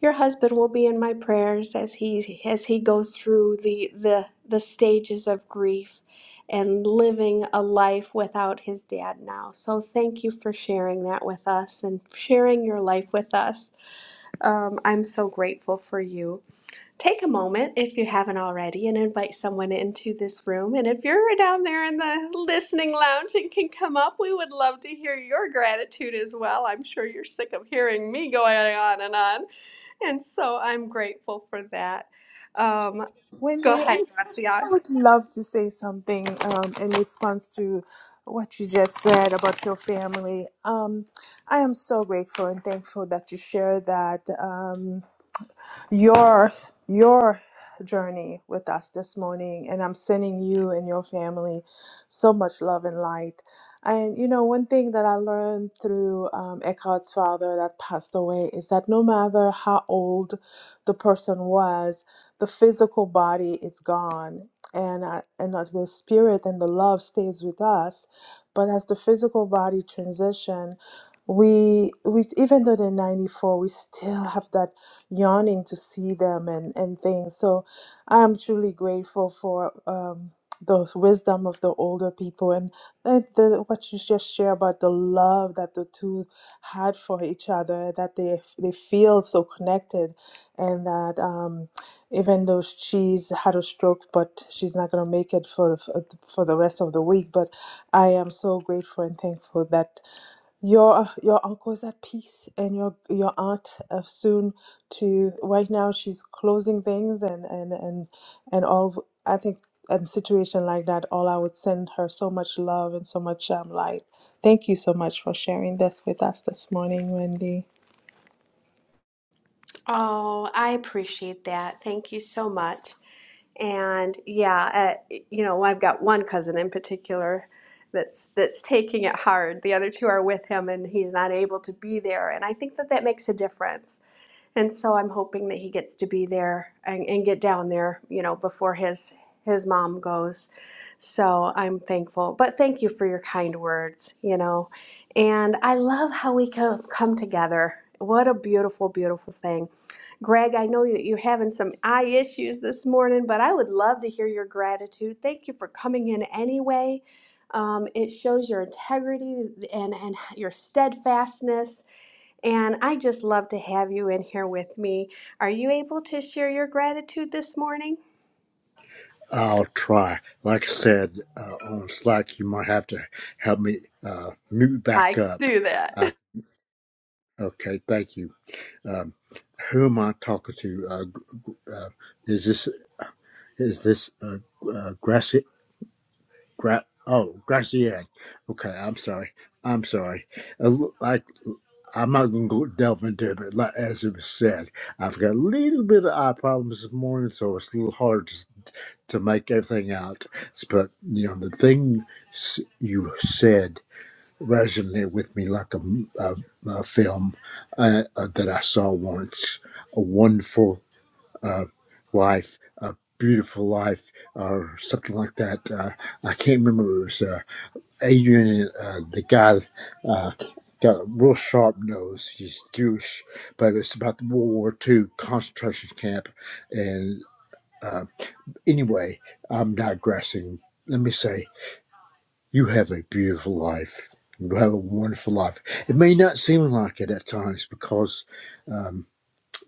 Speaker 1: your husband will be in my prayers as he as he goes through the the the stages of grief and living a life without his dad now. So thank you for sharing that with us and sharing your life with us. Um, I'm so grateful for you. Take a moment if you haven't already and invite someone into this room. And if you're down there in the listening lounge and can come up, we would love to hear your gratitude as well. I'm sure you're sick of hearing me going on and on. And so I'm grateful for that. Um, go
Speaker 7: Wendy. I
Speaker 1: ahead,
Speaker 7: I
Speaker 1: Gracian.
Speaker 7: would love to say something um, in response to what you just said about your family. Um, I am so grateful and thankful that you shared that. Um, your your journey with us this morning and i'm sending you and your family so much love and light and you know one thing that i learned through um, eckhart's father that passed away is that no matter how old the person was the physical body is gone and uh, and uh, the spirit and the love stays with us but as the physical body transition we we even though they're 94 we still have that yawning to see them and, and things. So I'm truly grateful for um, the wisdom of the older people and uh, the, what you just share about the love that the two had for each other, that they, they feel so connected and that um, even though she's had a stroke, but she's not going to make it for, for for the rest of the week. But I am so grateful and thankful that. Your your uncle is at peace, and your your aunt uh, soon to right now she's closing things and and and and all. I think in situation like that, all I would send her so much love and so much um, light. Thank you so much for sharing this with us this morning, Wendy.
Speaker 1: Oh, I appreciate that. Thank you so much. And yeah, uh, you know, I've got one cousin in particular that's that's taking it hard. The other two are with him, and he's not able to be there. And I think that that makes a difference. And so I'm hoping that he gets to be there and, and get down there, you know, before his his mom goes. So I'm thankful. But thank you for your kind words, you know. And I love how we co- come together. What a beautiful, beautiful thing. Greg, I know that you're having some eye issues this morning, but I would love to hear your gratitude. Thank you for coming in anyway. Um, it shows your integrity and, and your steadfastness. And I just love to have you in here with me. Are you able to share your gratitude this morning?
Speaker 8: I'll try. Like I said uh, on Slack, you might have to help me uh, mute
Speaker 1: I
Speaker 8: back
Speaker 1: can
Speaker 8: up.
Speaker 1: do that.
Speaker 8: I, okay, thank you. Um, who am I talking to? Uh, gr- uh, is this is this uh, uh, Gracie? Gra- oh, Gracian. Okay, I'm sorry. I'm sorry. Uh, l- like I'm not gonna go delve into it, but like, as it was said, I've got a little bit of eye problems this morning, so it's a little hard to. to make everything out. But you know, the thing you said resonated with me like a a a film uh, uh, that I saw once. A wonderful uh, life, a beautiful life, or something like that. Uh, I can't remember. It was uh, Adrian, uh, the guy. Uh, Got a real sharp nose. He's Jewish, but it's about the World War II concentration camp, and uh, Anyway, I'm digressing. Let me say, you have a beautiful life. You have a wonderful life. It may not seem like it at times because um,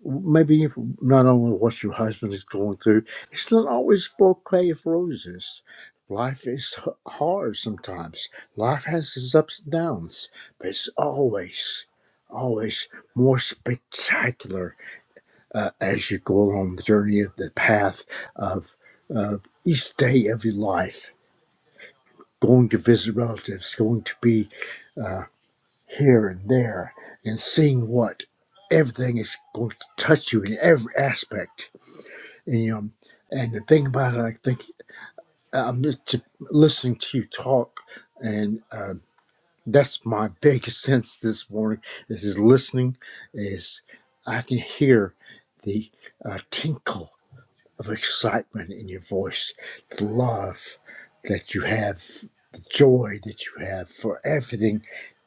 Speaker 8: maybe not only what your husband is going through, it's not always a bouquet of roses. Life is hard sometimes. Life has its ups and downs, but it's always, always more spectacular uh, as you go along the journey of the path of uh, each day of your life, going to visit relatives, going to be here and there, and seeing what everything is going to touch you in every aspect. And, you know, and the thing about it, I think uh, I'm just listening to you talk, and uh, that's my biggest sense this morning is listening. Is I can hear the uh, tinkle of excitement in your voice, the love that you have, the joy that you have for everything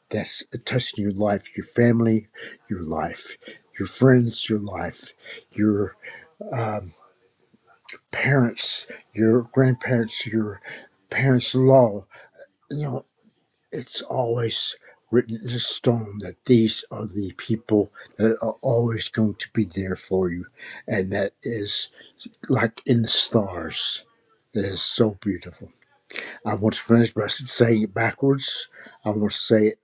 Speaker 8: that's touching your life, your family, your life, your friends, your life, your parents, your grandparents, your parents in law. You know, it's always written in stone that these are the people that are always going to be there for you. And that is like in the stars. That is so beautiful. I want to finish, by saying it backwards. I want to say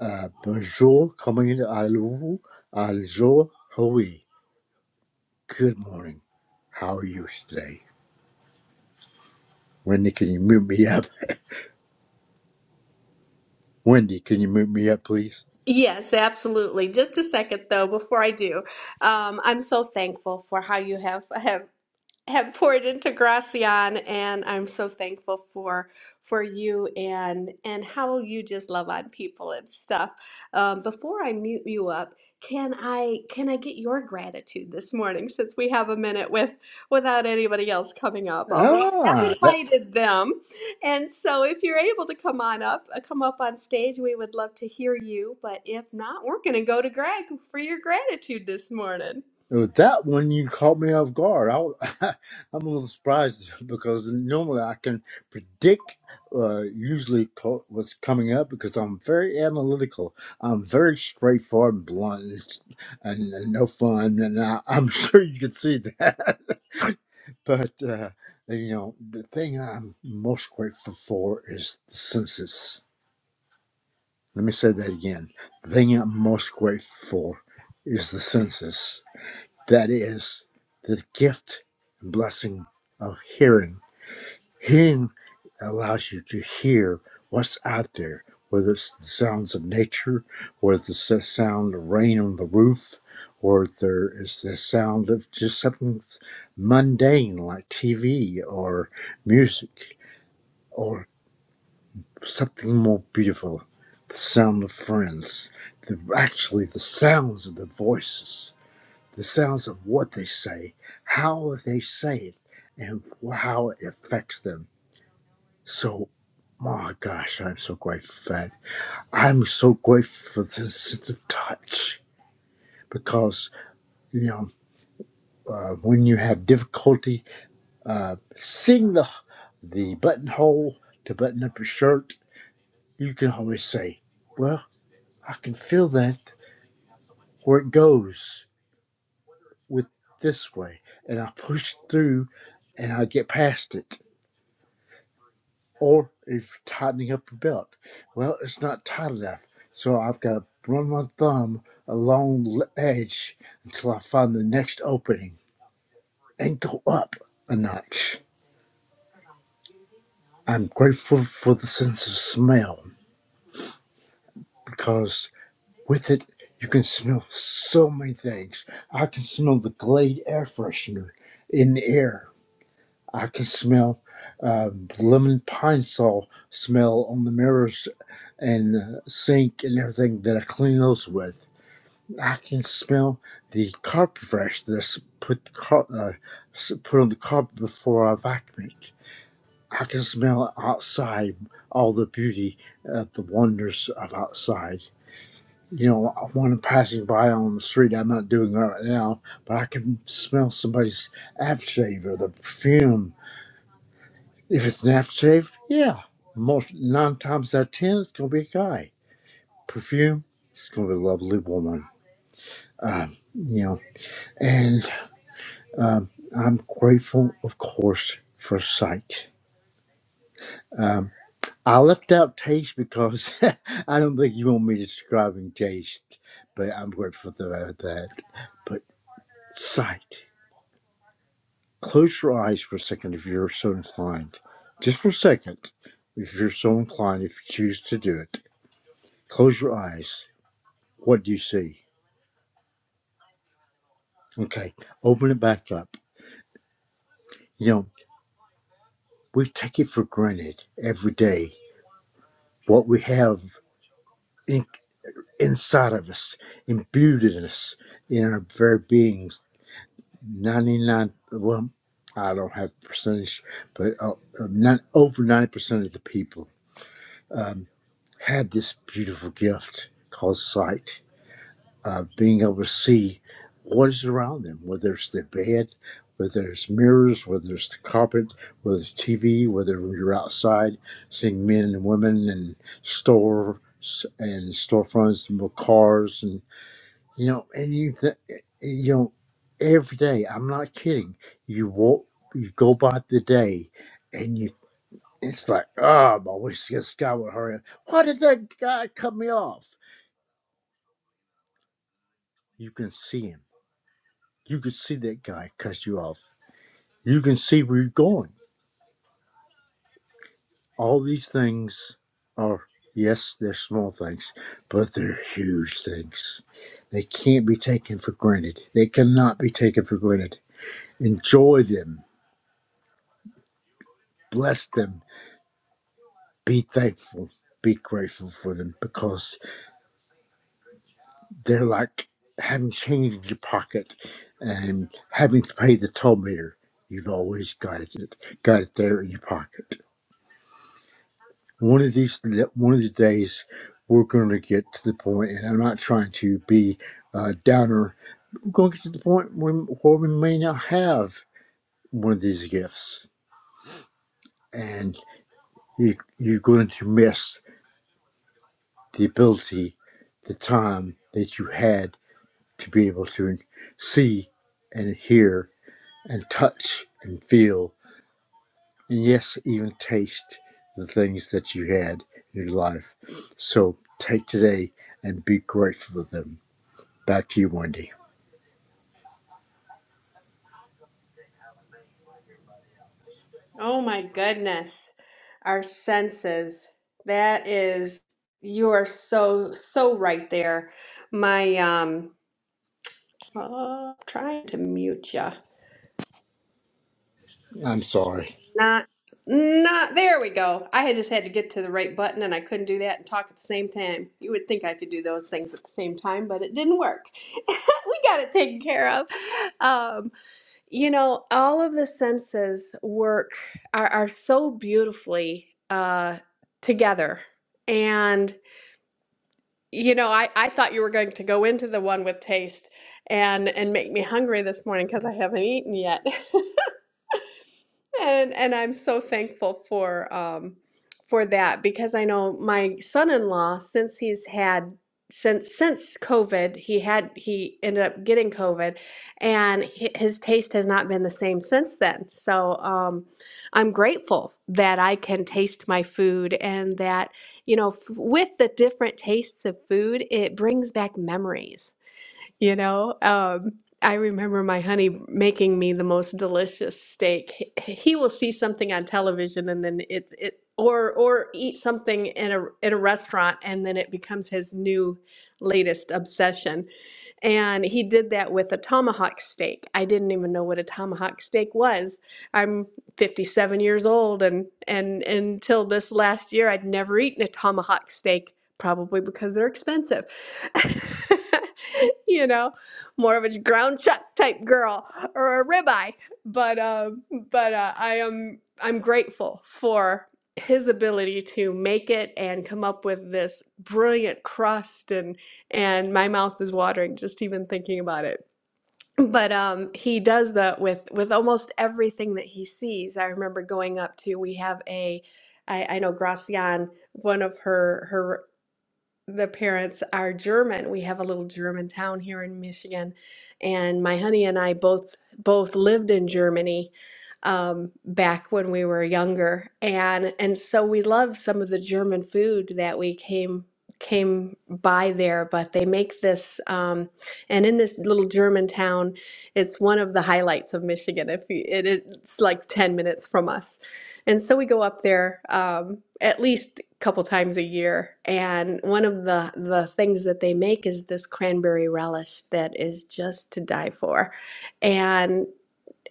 Speaker 8: uh, bonjour, comment allez-vous, bonjour, oui, good morning. How are you today? Wendy, can you mute me up? Wendy, can you mute me up, please?
Speaker 1: Yes, absolutely. Just a second though, before I do, um, I'm so thankful for how you have, have have poured into Gracian, and I'm so thankful for for you and and how you just love on people and stuff. Um, before I mute you up, can I can I get your gratitude this morning since we have a minute with without anybody else coming up? Although I have
Speaker 8: Ah, that,
Speaker 1: invited them, and so if you're able to come on up, uh, come up on stage, we would love to hear you. But if not, we're going to go to Greg for your gratitude this morning.
Speaker 8: With that one, you caught me off guard. I, I'm a little surprised because normally I can predict uh, usually co- what's coming up because I'm very analytical. I'm very straightforward and blunt and, and, and no fun. And I, I'm sure you can see that. But, uh, you know, the thing I'm most grateful for is the census. Let me say that again. The thing I'm most grateful for is the census that is the gift and blessing of hearing. Hearing allows you to hear what's out there, whether it's the sounds of nature, or the s- sound of rain on the roof, or there is the sound of just something mundane like TV or music, or something more beautiful, the sound of friends, the, actually the sounds of the voices the sounds of what they say, how they say it, and how it affects them. So, my gosh, I'm so grateful for that. I'm so grateful for the sense of touch because, you know, uh, when you have difficulty uh, seeing the, the buttonhole to button up your shirt, you can always say, Well, I can feel that where it goes with this way. And I push through and I get past it Or if tightening up your belt. Well, it's not tight enough, so I've got to run my thumb along the edge until I find the next opening and go up a notch. I'm grateful for the sense of smell because with it, you can smell so many things. I can smell the Glade air freshener in the air. I can smell um, lemon pine saw smell on the mirrors. and uh, sink and everything that I clean those with. I can smell the carpet fresh that's put car- uh, put on the carpet before I vacuum it. I can smell outside all the beauty of the wonders of outside. You know, when I'm passing by on the street, I'm not doing it right now, but I can smell somebody's aftershave or the perfume. If it's an aftershave, yeah, most nine times out of ten, it's gonna be a guy perfume. It's gonna be a lovely woman. Um, you know, and um, I'm grateful, of course, for sight. Um, I left out taste because I don't think you want me describing taste, but I'm grateful about that. But sight. Close your eyes for a second if you're so inclined. Just for a second, if you're so inclined, if you choose to do it. Close your eyes. What do you see? Okay, open it back up. You know. We take it for granted every day. What we have in, inside of us, imbued in us, in our very beings, 99, well, I don't have the percentage, but uh, not, over 90% of the people have this beautiful gift called sight. uh, being able to see what is around them, whether it's the bed, whether it's mirrors, whether it's the carpet, whether it's TV, whether you're outside seeing men and women and store and storefronts and cars and you know and you th- eh, you know every day I'm not kidding you walk you go by the day and you it's like oh I wish this guy would hurry up why did that guy cut me off you can see him You can see that guy cuss you off. You can see where you're going. All these things are, yes, they're small things, but they're huge things. They can't be taken for granted. They cannot be taken for granted. Enjoy them, bless them, be thankful, be grateful for them because they're like having change in your pocket and having to pay the toll meter. You've always got it, got it there in your pocket one of these one of these days we're going to get to the point and i'm not trying to be a downer we're going to get to the point when, where we may not have one of these gifts and you, you're going to miss the ability the time that you had to be able to see and hear and touch and feel and yes even taste the things that you had in your life so take today and be grateful for them Back to you, Wendy.
Speaker 1: Oh my goodness. Our senses. That is, you are so, so right there. My, um, uh, trying to mute you.
Speaker 8: I'm sorry.
Speaker 1: Not, not, there we go. I had just had to get to the right button and I couldn't do that and talk at the same time. You would think I could do those things at the same time, but it didn't work. We got it taken care of. Um, You know, all of the senses work are, are so beautifully uh, together. And, you know, I, I thought you were going to go into the one with taste and and make me hungry this morning because I haven't eaten yet. And and I'm so thankful for um for that because I know my son-in-law since he's had since since COVID, he had he ended up getting COVID and hi- his taste has not been the same since then. So um I'm grateful that I can taste my food and that you know f- with the different tastes of food, it brings back memories you know, um, I remember my honey making me the most delicious steak. He, he will see something on television and then it it or or eat something in a in a restaurant and then it becomes his new latest obsession. And he did that with a tomahawk steak. I didn't even know what a tomahawk steak was. I'm 57 years old, and, and and until this last year, I'd never eaten a tomahawk steak, probably because they're expensive. you know, more of a ground chuck type girl or a ribeye. But uh, but uh, I am I'm grateful for his ability to make it and come up with this brilliant crust and and my mouth is watering just even thinking about it but um, he does that with with almost everything that he sees i remember going up to we have a i, I know gracian one of her her the parents are German. We have a little German town here in Michigan, and my honey and I both both lived in Germany um, back when we were younger, and and so we love some of the German food that we came came by there. But they make this, um, and in this little German town, it's one of the highlights of Michigan. If you, it is, it's like ten minutes from us and so we go up there um, at least a couple times a year. And one of the, the things that they make is this cranberry relish that is just to die for. And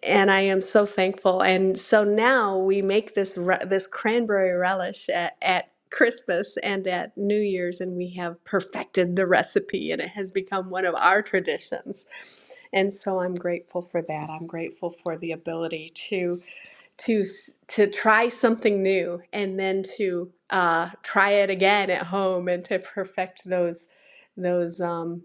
Speaker 1: and I am so thankful. And so now we make this re- this cranberry relish at, at Christmas and at New Year's, and we have perfected the recipe, and it has become one of our traditions. And so I'm grateful for that. I'm grateful for the ability to to to try something new and then to uh, try it again at home and to perfect those those um,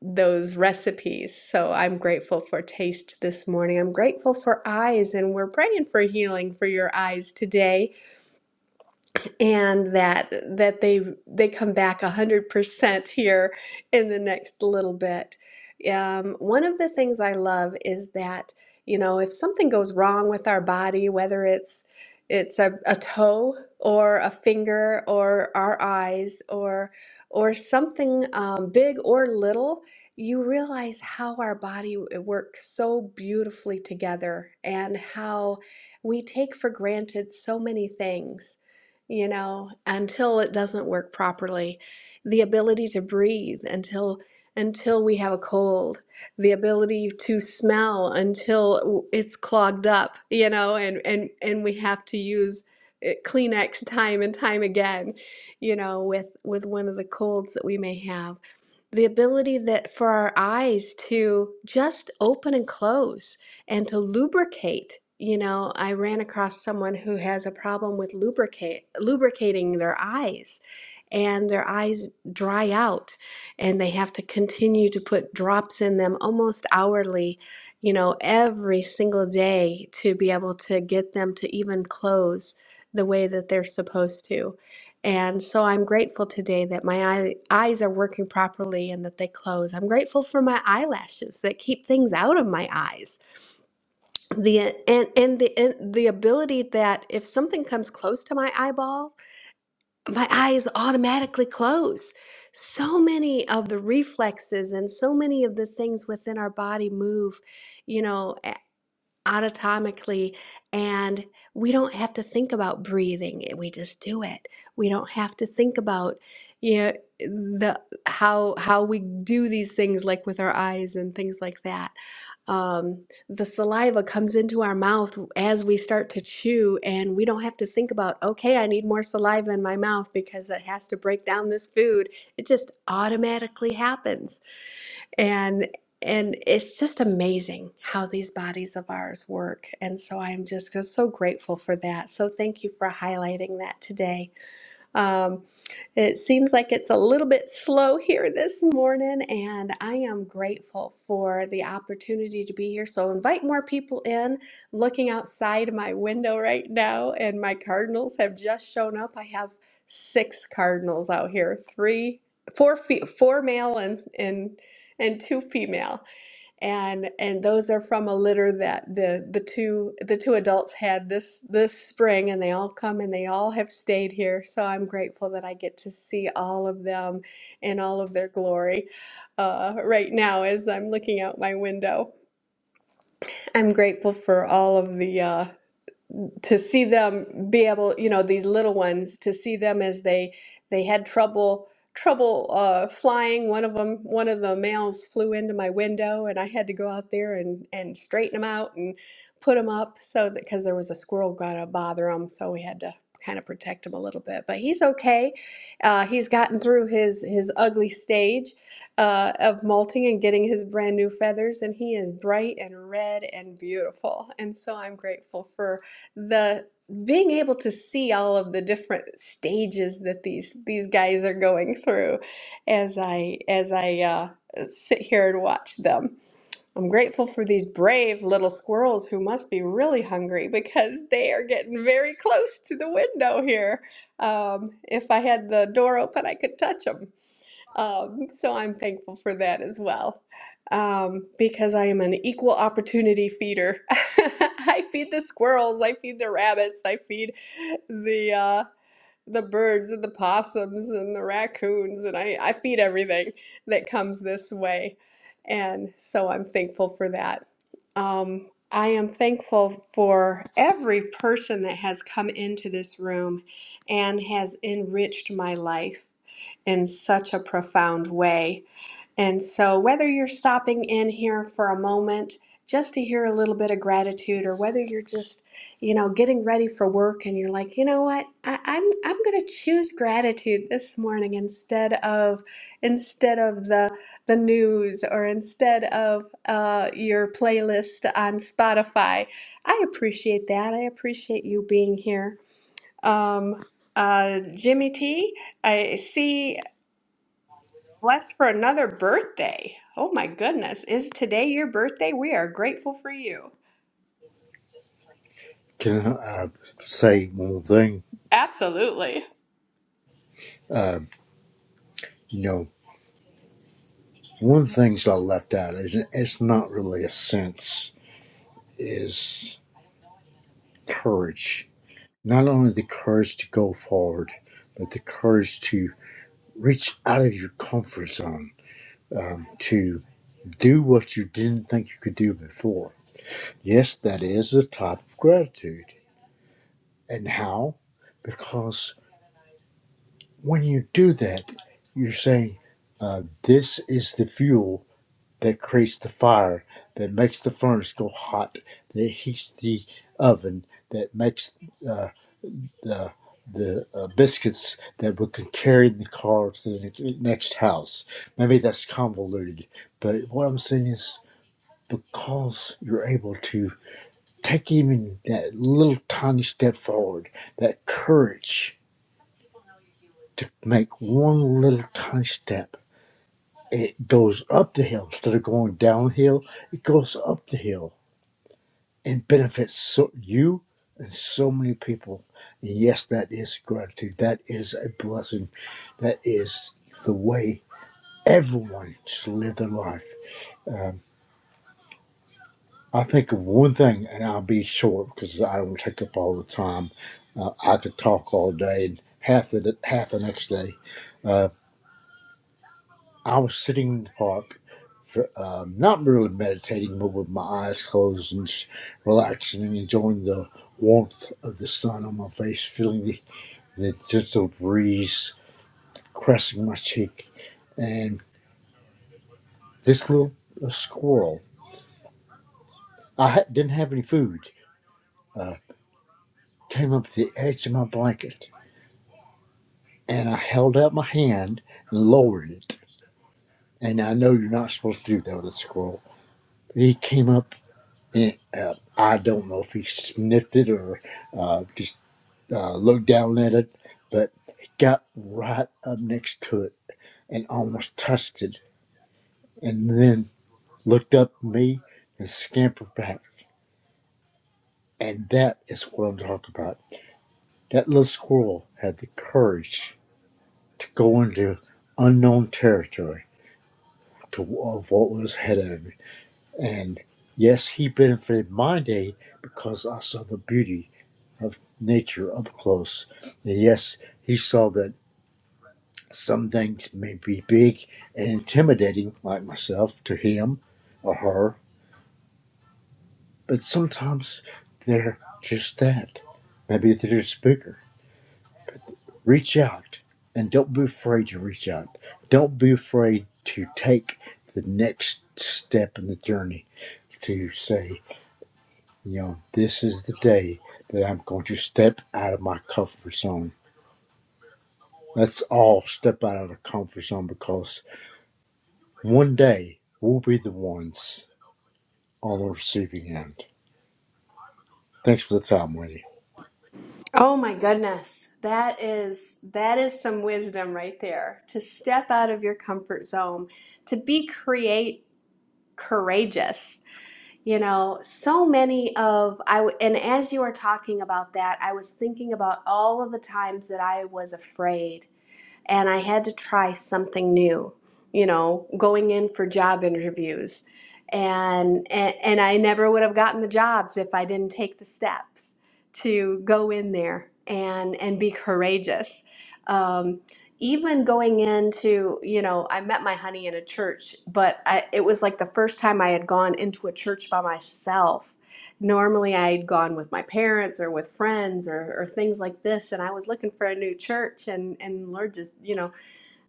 Speaker 1: those recipes. So I'm grateful for taste this morning. I'm grateful for eyes, and we're praying for healing for your eyes today and that that they they come back 100% here in the next little bit. Um, one of the things I love is that, you know, if something goes wrong with our body, whether it's it's a, a toe or a finger or our eyes or or something um, big or little, you realize how our body w- works so beautifully together and how we take for granted so many things you know, until it doesn't work properly. The ability to breathe until until we have a cold, the ability to smell until it's clogged up, you know, and and and we have to use eh, Kleenex time and time again, you know, with with one of the colds that we may have the ability that for our eyes to just open and close and to lubricate. You know, I ran across someone who has a problem with lubricate lubricating their eyes and their eyes dry out and they have to continue to put drops in them almost hourly, you know, every single day to be able to get them to even close the way that they're supposed to. And so I'm grateful today that my eye, eyes are working properly and that they close. I'm grateful for my eyelashes that keep things out of my eyes. The and and the and the ability that if something comes close to my eyeball, my eyes automatically close. So many of the reflexes and so many of the things within our body move, you know automatically and we don't have to think about breathing eh, we just do it we don't have to think about you know, the how how we do these things like with our eyes and things like that um, the saliva comes into our mouth as we start to chew and we don't have to think about okay i need more saliva in my mouth because it has to break down this food it just automatically happens and and it's just amazing how these bodies of ours work and so i'm just, so grateful for that so thank you for highlighting that today um, it seems like it's a little bit slow here this morning, and I am grateful for the opportunity to be here. So, invite more people in. Looking outside my window right now, and my cardinals have just shown up. I have six cardinals out here three, four, fe- four male, and, and, and two female and and those are from a litter that the the two the two adults had this this spring and they all come and they all have stayed here so i'm grateful that i get to see all of them in all of their glory uh, right now as i'm looking out my window i'm grateful for all of the uh, to see them be able, you know, these little ones, to see them as they they had trouble trouble uh, flying. One of them, one of the males flew into my window, and I had to go out there and and straighten them out and put them up so that because there was a squirrel gonna bother him, so we had to kind of protect him a little bit. But he's okay. Uh, he's gotten through his his ugly stage uh, of molting and getting his brand new feathers, and he is bright and red and beautiful. And so I'm grateful for the being able to see all of the different stages that these these guys are going through as I as I uh, sit here and watch them. I'm grateful for these brave little squirrels who must be really hungry because they are getting very close to the window here. Um, if I had the door open, I could touch them. Um, so I'm thankful for that as well um, because I am an equal opportunity feeder. I feed the squirrels, I feed the rabbits, I feed the uh, the birds and the possums and the raccoons, and I, I feed everything that comes this way. And so I'm thankful for that. Um, I am thankful for every person that has come into this room and has enriched my life in such a profound way. And so, whether you're stopping in here for a moment just to hear a little bit of gratitude, or whether you're just, you know, getting ready for work and you're like, you know what, I, I'm I'm going to choose gratitude this morning instead of instead of the the news or instead of uh, your playlist on Spotify. I appreciate that. I appreciate you being here. Um, uh, Jimmy T, I see. Blessed for another birthday. Oh my goodness. Is today your birthday? We are grateful for you.
Speaker 8: Can I uh, say one thing?
Speaker 1: Absolutely.
Speaker 8: Uh, you know, one of the things I left out is it's not really a sense is courage. Not only the courage to go forward, but the courage to reach out of your comfort zone, um, to do what you didn't think you could do before. Yes, that is a type of gratitude. And how? Because. when you do that, you're saying, uh, This is the fuel that creates the fire, that makes the furnace go hot, that heats the oven, that makes uh, the the uh, biscuits that we can carry in the car to the ne- next house. Maybe that's convoluted, but what I'm saying is because you're able to take even that little tiny step forward, that courage to make one little tiny step it goes up the hill instead of going downhill. It goes up the hill and benefits so, you and so many people. And yes, that is gratitude. That is a blessing. That is the way everyone should live their life. Um, I think of one thing, and I'll be short because I don't take up all the time. Uh, I could talk all day and half the half the next day. Uh, I was sitting in the park, for, um, not really meditating, but with my eyes closed and just relaxing and enjoying the warmth of the sun on my face, feeling the, the gentle breeze caressing my cheek. And this little uh, squirrel, I ha- didn't have any food, uh, came up to the edge of my blanket. And I held out my hand and lowered it. And I know you're not supposed to do that with a squirrel. He came up And, uh, I don't know if he sniffed it or uh, just uh, looked down at it, but he got right up next to it and almost touched it, and then looked up at me and scampered back. And that is what I'm talking about. That little squirrel had the courage to go into unknown territory to of what was ahead of him. And yes, he benefited my day because I saw the beauty of nature up close. And yes, he saw that some things may be big and intimidating, like myself, to him or her, but sometimes they're just that. Maybe they're just bigger. Reach out and don't be afraid to reach out. Don't be afraid to take the next step in the journey to say, you know, this is the day that I'm going to step out of my comfort zone Let's all step out of the comfort zone because one day we'll be the ones on the receiving end. Thanks for the time, Wendy.
Speaker 1: Oh my goodness. That is that is some wisdom right there. To step out of your comfort zone, to be create courageous. You know, so many of I w- and as you are talking about that, I was thinking about all of the times that I was afraid and I had to try something new, you know, going in for job interviews. And, and and I never would have gotten the jobs if I didn't take the steps to go in there and and be courageous. Um, even going into, you know, I met my honey in a church, but I, it was like the first time I had gone into a church by myself normally I'd gone with my parents or with friends or, or things like this, and I was looking for a new church, and and Lord just you know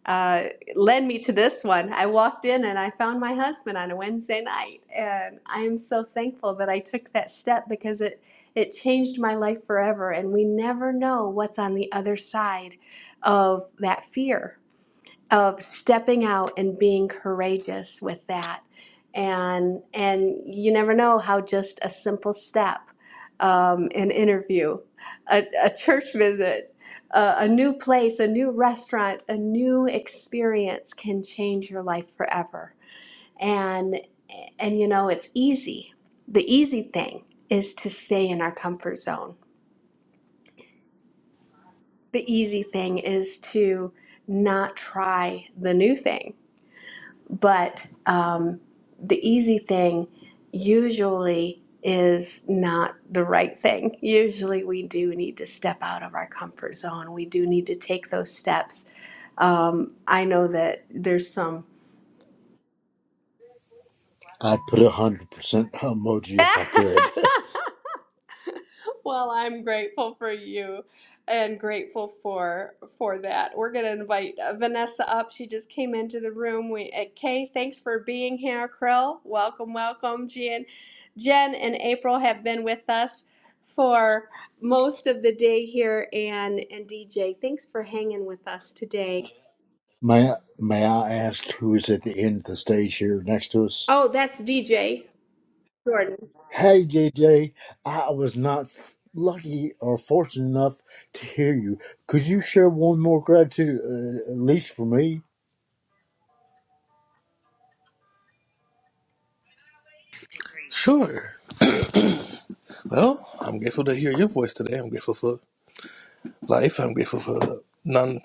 Speaker 1: uh, led me to this one. I walked in and I found my husband on a Wednesday night, and I am so thankful that I took that step because it it changed my life forever, and we never know what's on the other side of that fear of stepping out and being courageous with that and and you never know how just a simple step um, an interview a, a church visit a, a new place a new restaurant a new experience can change your life forever and and you know it's easy the easy thing is to stay in our comfort zone the easy thing is to not try the new thing But um, the easy thing usually is not the right thing. Usually, we do need to step out of our comfort zone. We do need to take those steps. Um, I know that there's some.
Speaker 8: I'd put a hundred percent emoji if I could.
Speaker 1: Well, I'm grateful for you and grateful for for that. We're going to invite uh, Vanessa up. She just came into the room. We uh, Kay, thanks for being here. Krill, welcome, welcome. Jen, Jen and April have been with us for most of the day here and and DJ, thanks for hanging with us today.
Speaker 8: may I, May I ask who is at the end of the stage here next to us?
Speaker 1: Oh, that's DJ. Jordan.
Speaker 8: Hey, JJ. I was not f- lucky or fortunate enough to hear you. Could you share one more gratitude, uh, at least for me?
Speaker 4: Sure. Well, I'm grateful to hear your voice today. I'm grateful for life. I'm grateful for non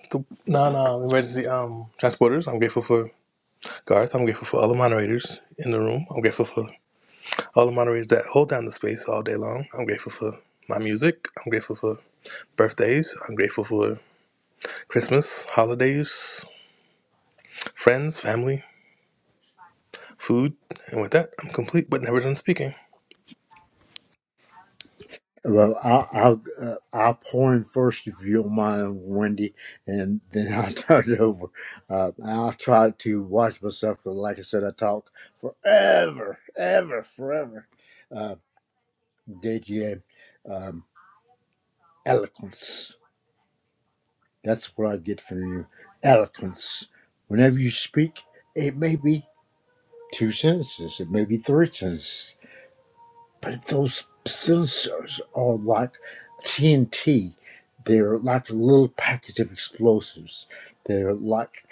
Speaker 4: non um, emergency um transporters. I'm grateful for Garth. I'm grateful for all the moderators in the room. I'm grateful for all the moderators that hold down the space all day long. I'm grateful for my music. I'm grateful for birthdays. I'm grateful for Christmas, holidays, friends, family, food, and with that, I'm complete but never done speaking.
Speaker 8: Well, I'll I'll, uh, I'll pour in first if you don't mind, Wendy, and then I'll turn it over. Uh, and I'll try to watch myself, but like I said, I talk forever, ever, forever. Uh, DGA, um, eloquence. That's what I get from you. Eloquence. Whenever you speak, it may be two sentences, it may be three sentences, But those sensors are like TNT. They're like a little package of explosives. They're like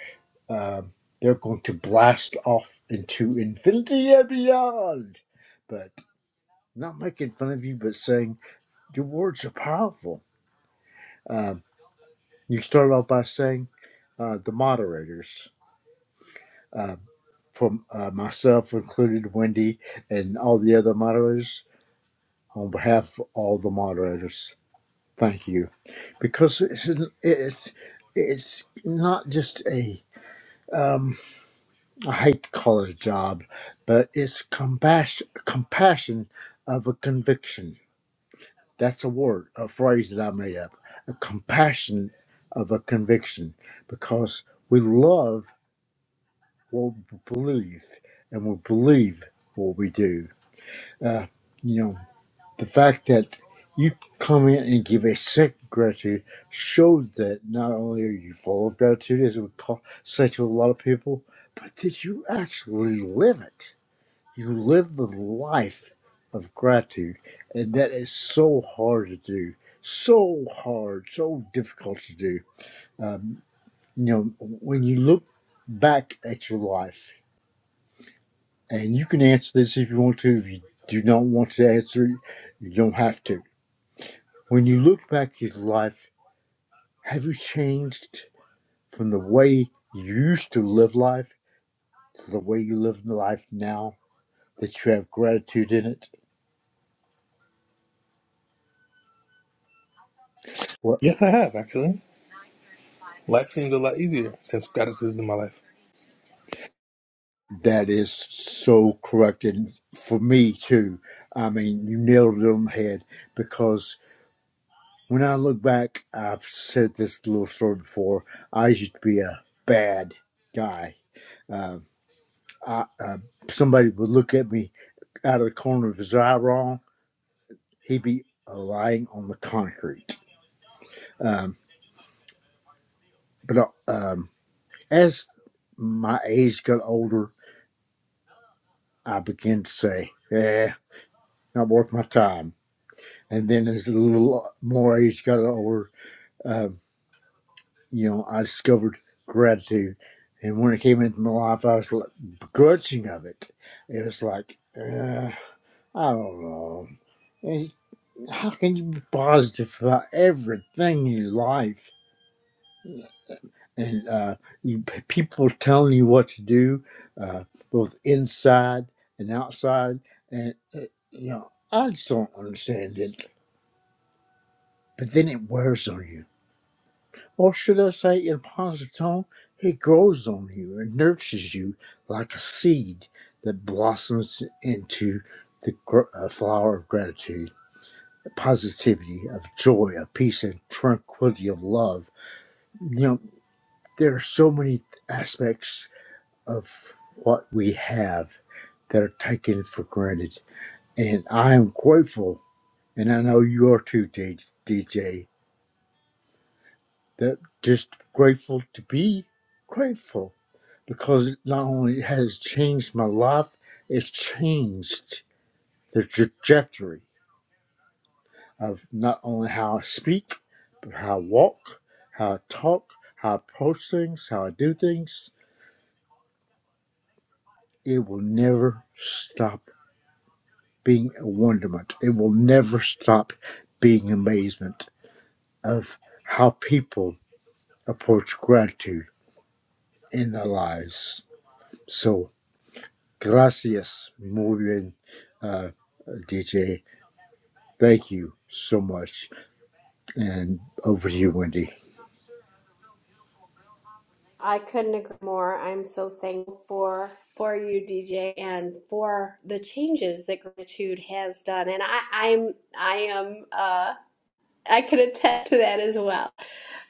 Speaker 8: um, they're going to blast off into infinity and beyond. But not making fun of you, but saying your words are powerful. Um, you start off by saying uh, the moderators, uh, from uh, myself included, Wendy, and all the other moderators. On behalf of all the moderators, Thank you, because it's it's it's not just a hate to job, but it's compassion compassion of a conviction. That's a word, a phrase that I made up. A compassion of a conviction, because we love what we believe, and we believe what we do. Uh, you know. The fact that you come in and give a sick gratitude shows that not only are you full of gratitude, as we call say to a lot of people, but that you actually live it. You live the life of gratitude, and that is so hard to do, so hard, so difficult to do. Um, you know, when you look back at your life, and you can answer this if you want to. If you do not want to answer, it, you don't have to When you look back at your life, have you changed from the way you used to live life to the way you live life now that you have gratitude in it? Well,
Speaker 4: Yes, I have actually. Life seems a lot easier since gratitude is in my life.
Speaker 8: that is so correct. And for me, too, I mean, you nailed it on the head because when I look back, I've said this little story before. I used to be a bad guy. Uh, I, uh, somebody would look at me out of the corner of his eye wrong he'd be uh, lying on the concrete. Um, but uh, um, as my age got older, I began to say, "Yeah, not worth my time." And then, as a little uh, more age got older, um, you know, I discovered gratitude. And when it came into my life, I was like, begrudging of it. It was like, uh, I don't know. How can you be positive about everything in your life? and uh, you people telling you what to do, uh, both inside and outside, and uh, you know I just don't understand it. But then it wears on you, or should I say, in a positive tone, it grows on you and nurtures you like a seed that blossoms into the gr- uh, flower of gratitude, positivity, of joy, of peace, and tranquility of love. You know there are so many aspects of what we have that are taken for granted. And I am grateful, and I know you are too, DJ, that just grateful to be grateful because it not only has changed my life, it's changed the trajectory of not only how I speak, but how I walk, how I talk, how I approach things, how I do things. It will never stop being a wonderment. It will never stop being amazement of how people approach gratitude in their lives. So, gracias, muy bien, uh, DJ. Thank you so much. And over to you, Wendy.
Speaker 1: I couldn't agree more. I'm so thankful for for you, DJ, and for the changes that gratitude has done. And I, I'm I am uh I can attest to that as well.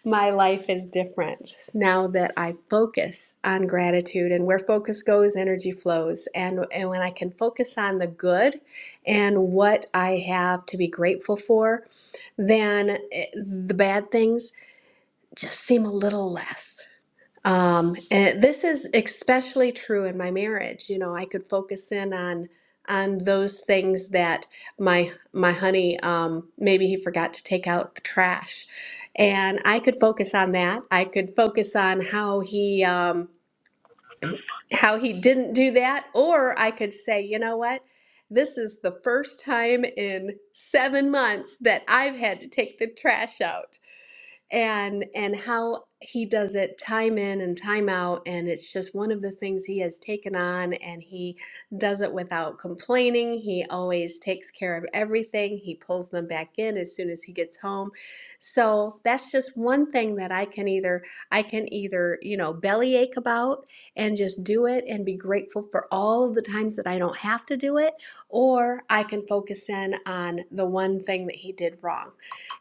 Speaker 1: My life is different now that I focus on gratitude and where focus goes, energy flows. And and when I can focus on the good and what I have to be grateful for, then eh, the bad things just seem a little less um, and this is especially true in my marriage. You know, I could focus in on on those things that my my honey um, maybe he forgot to take out the trash, and I could focus on that. I could focus on how he um, how he didn't do that, or I could say, you know what. This is the first time in seven months that I've had to take the trash out and and how he does it time in and time out and it's just one of the things he has taken on and he does it without complaining he always takes care of everything he pulls them back in as soon as he gets home so that's just one thing that i can either i can either you know bellyache about and just do it and be grateful for all of the times that i don't have to do it or i can focus in on the one thing that he did wrong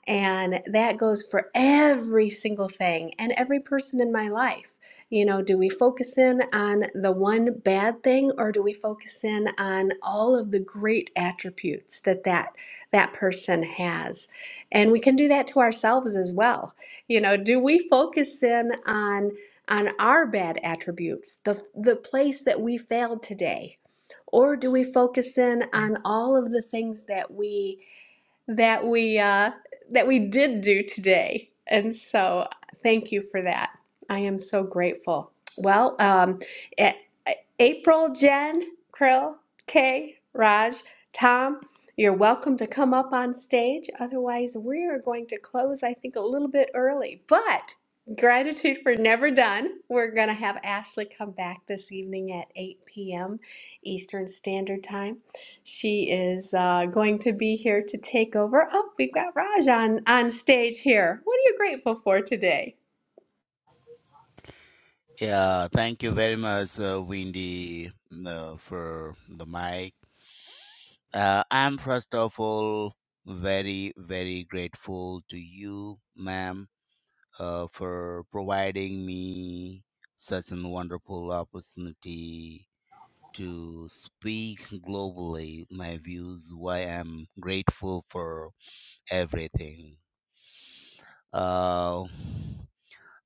Speaker 1: and that goes for every single thing and every person in my life. You know, do we focus in on the one bad thing or do we focus in on all of the great attributes that that, that person has? And we can do that to ourselves as well. You know, do we focus in on on our bad attributes, the the place that we failed today, or do we focus in on all of the things that we that we uh, that we did do today. And so, thank you for that. I am so grateful. Well, um, A- April, Jen, Krill, Kay, Raj, Tom, you're welcome to come up on stage. Otherwise, we are going to close. I think a little bit early, but gratitude we're never done. We're gonna have Ashley come back this evening at 8 p.m. Eastern Standard Time. She is uh, going to be here to take over. Oh, we've got Raj on, on stage here. What are you grateful for today?
Speaker 9: Yeah, thank you very much, uh, Windy, uh, for the mic. Uh, I'm first of all very, very grateful to you, ma'am, uh, for providing me such a wonderful opportunity to speak globally my views, why I'm grateful for everything. Uh,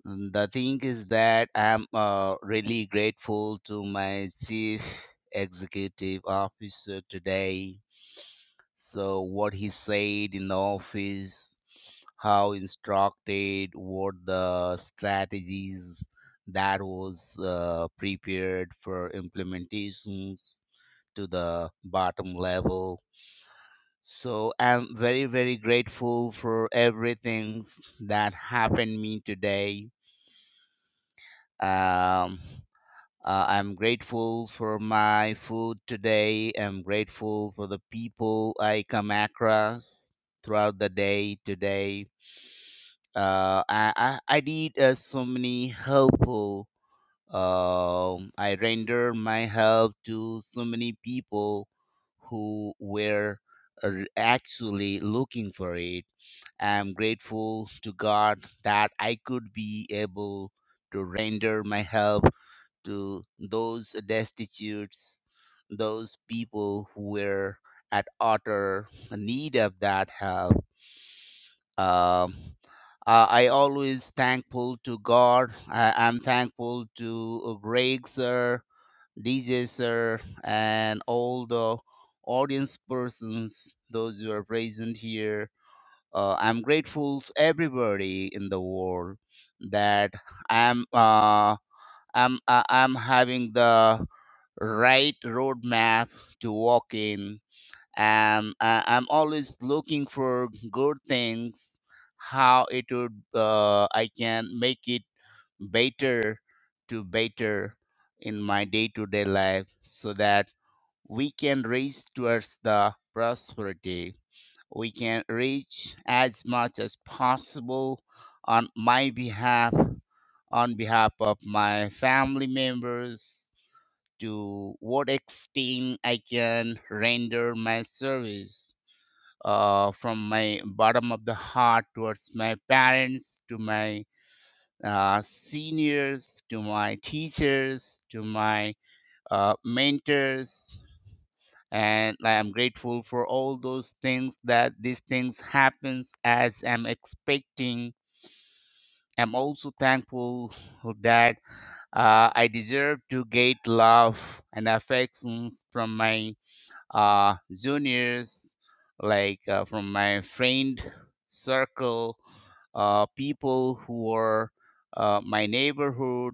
Speaker 9: Mm, The thing is that I'm uh, really grateful to my chief executive officer today. So, what he said in the office, how instructed, what the strategies that was uh, prepared for implementations to the bottom level. So, I'm very, very grateful for everything that happened me today. Um, Uh, I'm grateful for my food today. I'm grateful for the people I come across throughout the day today. Uh, I, I, I did uh, so many helpful. Um, I render my help to so many people who were r- actually looking for it. I'm grateful to God that I could be able to render my help to those destitutes, those people who were at utter need of that help. Um, uh, I always thankful to God. I, I'm thankful to uh, Greg sir, DJ sir, and all the audience persons, those who are present here. Uh, I'm grateful to everybody in the world that I'm. Uh, I'm uh, I'm having the right roadmap to walk in. Um, I, I'm always looking for good things, how it would uh, I can make it better to better in my day to day life, so that we can reach towards the prosperity. We can reach as much as possible on my behalf on behalf of my family members to what extent I can render my service uh, from my bottom of the heart towards my parents, to my uh, seniors, to my teachers, to my uh, mentors. And I am grateful for all those things that these things happens as I'm expecting. I'm also thankful that Uh, I deserve to get love and affections from my uh, juniors, like uh, from my friend circle, uh, people who are uh, my neighborhood,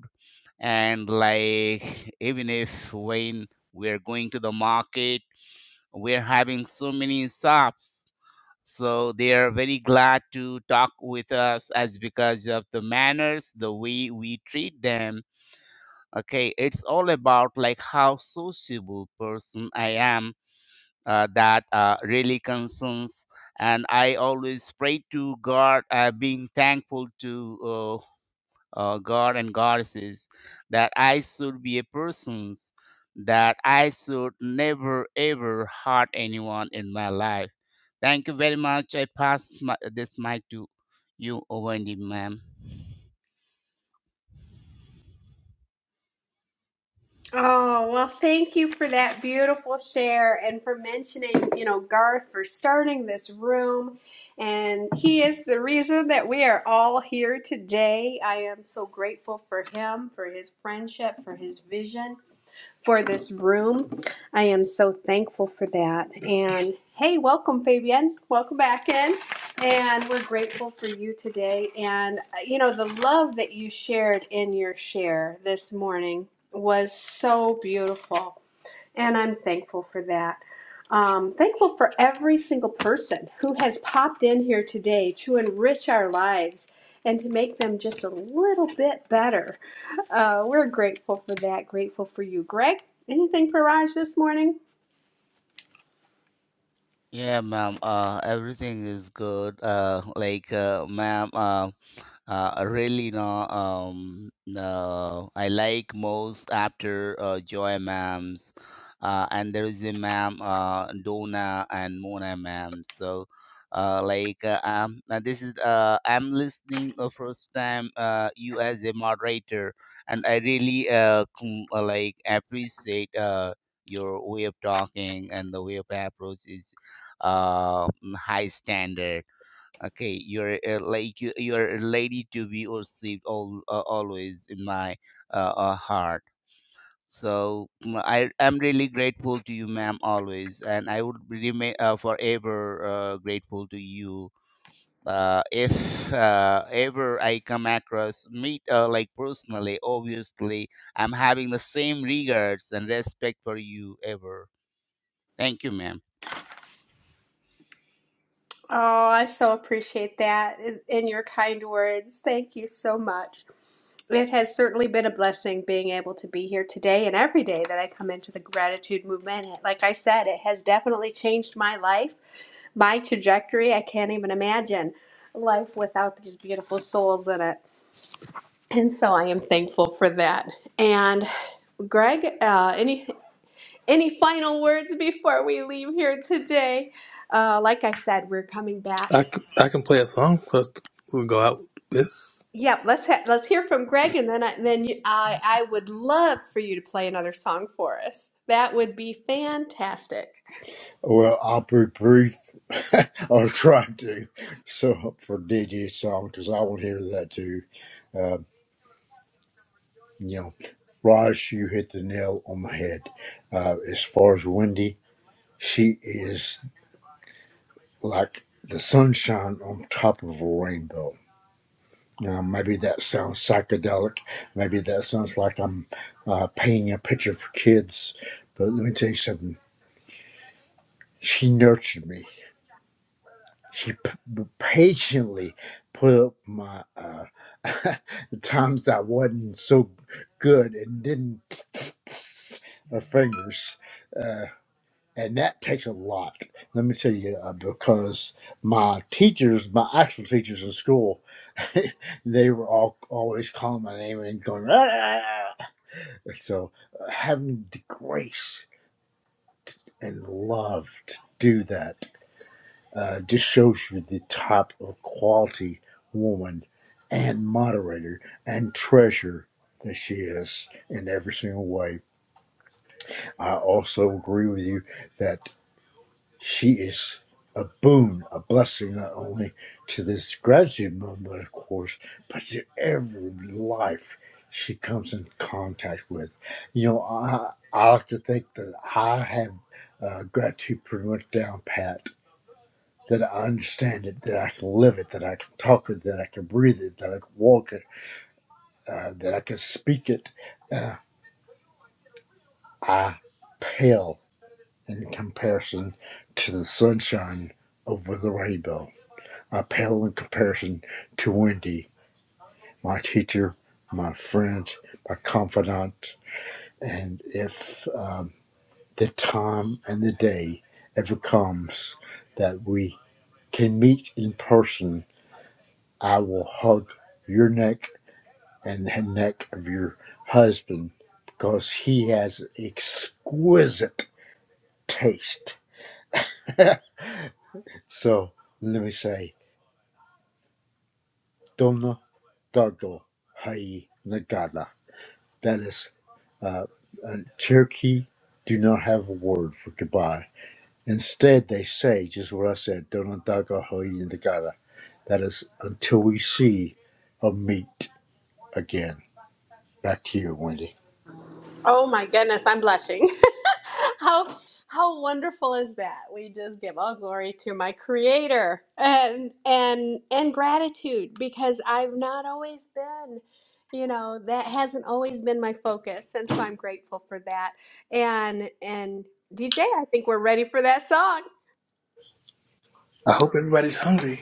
Speaker 9: and like even if when we're going to the market, we're having so many shops. So they are very glad to talk with us as because of the manners, the way we treat them okay it's all about like how sociable person i am uh, that uh, really concerns and i always pray to god uh, being thankful to uh, uh, god and goddesses that i should be a person's that i should never ever hurt anyone in my life thank you very much i pass my, this mic to you Wendy, ma'am
Speaker 1: Oh, well, thank you for that beautiful share and for mentioning, you know, Garth for starting this room. And he is the reason that we are all here today. I am so grateful for him, for his friendship, for his vision for this room. I am so thankful for that. And hey, welcome, Fabian. Welcome back in. And we're grateful for you today. And, uh, you know, the love that you shared in your share this morning was so beautiful. And I'm thankful for that. Um, thankful for every single person who has popped in here today to enrich our lives and to make them just a little bit better. Uh, we're grateful for that. Grateful for you, Greg. Anything for Raj this morning?
Speaker 9: Yeah, ma'am. Uh, everything is good. Uh, like, uh, ma'am, uh, uh, really no um no I like most after uh, Joy ma'ams uh, and there is a ma'am uh, Donna and Mona ma'am so uh, like uh, um uh, this is uh, I'm listening uh, first time uh, you as a moderator and I really uh, com- uh, like appreciate uh, your way of talking and the way of approach is uh, high standard okay you're uh, like you, you're a lady to be received all uh, always in my uh, uh, heart so mm, i am really grateful to you ma'am always and i would remain uh, forever uh, grateful to you uh, if uh, ever I come across meet uh, like personally, obviously, I'm having the same regards and respect for you ever. Thank you, ma'am.
Speaker 1: Oh, I so appreciate that and your kind words. Thank you so much. It has certainly been a blessing being able to be here today and every day that I come into the gratitude movement. Like I said, it has definitely changed my life, my trajectory. I can't even imagine life without these beautiful souls in it. And so I am thankful for that. And Greg, uh, any any final words before we leave here today? Uh, like I said, we're coming back.
Speaker 4: I, c- I can play a song for us to we'll go out with.
Speaker 1: Yep, let's ha let's hear from Greg, and then I, then you, I I would love for you to play another song for us. That would be fantastic.
Speaker 8: Well, I'll be brief. I'll try to. So for DJ's song, because I will hear that too. Uh, you know, Raj, you hit the nail on the head. Uh, as far as Wendy, She is like the sunshine on top of a rainbow. Now, maybe that sounds psychedelic. Maybe that sounds like I'm uh, painting a picture for kids. But let me tell you something. She nurtured me. She p- patiently put up my uh, the times I wasn't so good and didn't her fingers. uh, and that takes a lot. Let me tell you, uh, because my teachers, my actual teachers in school, they were all always calling my name and going, "Ah!" so uh, having the grace and love to do that uh, just shows you the type of quality woman and moderator and treasure that she is in every single way. I also agree with you that. She is a boon, a blessing, not only to this gratitude movement, of course, but to every life she comes in contact with. You know, I, I like to think that I have uh, gratitude pretty much down pat, that I understand it, that I can live it, that I can talk it, that I can breathe it, that I can walk it, uh, that I can speak it. Uh, I pale in comparison to the sunshine over the rainbow I pale in comparison to Wendy, my teacher, my friend, my confidant. And if um, the time and the day ever comes that we can meet in person, I will hug your neck and the neck of your husband because he has exquisite taste. So let me say, Dona Dogo Hai Nagada. That is Uh, and Cherokee do not have a word for goodbye. Instead, they say just what I said, Donondaga Hoyindagata. That is until we see or meet again. Back to you, Wendy.
Speaker 1: Oh my goodness, I'm blushing. How how wonderful is that? We just give all glory to my Creator and and and gratitude because I've not always been, you know, that hasn't always been my focus, and so I'm grateful for that. And and DJ, I think we're ready for that song.
Speaker 4: I hope everybody's hungry.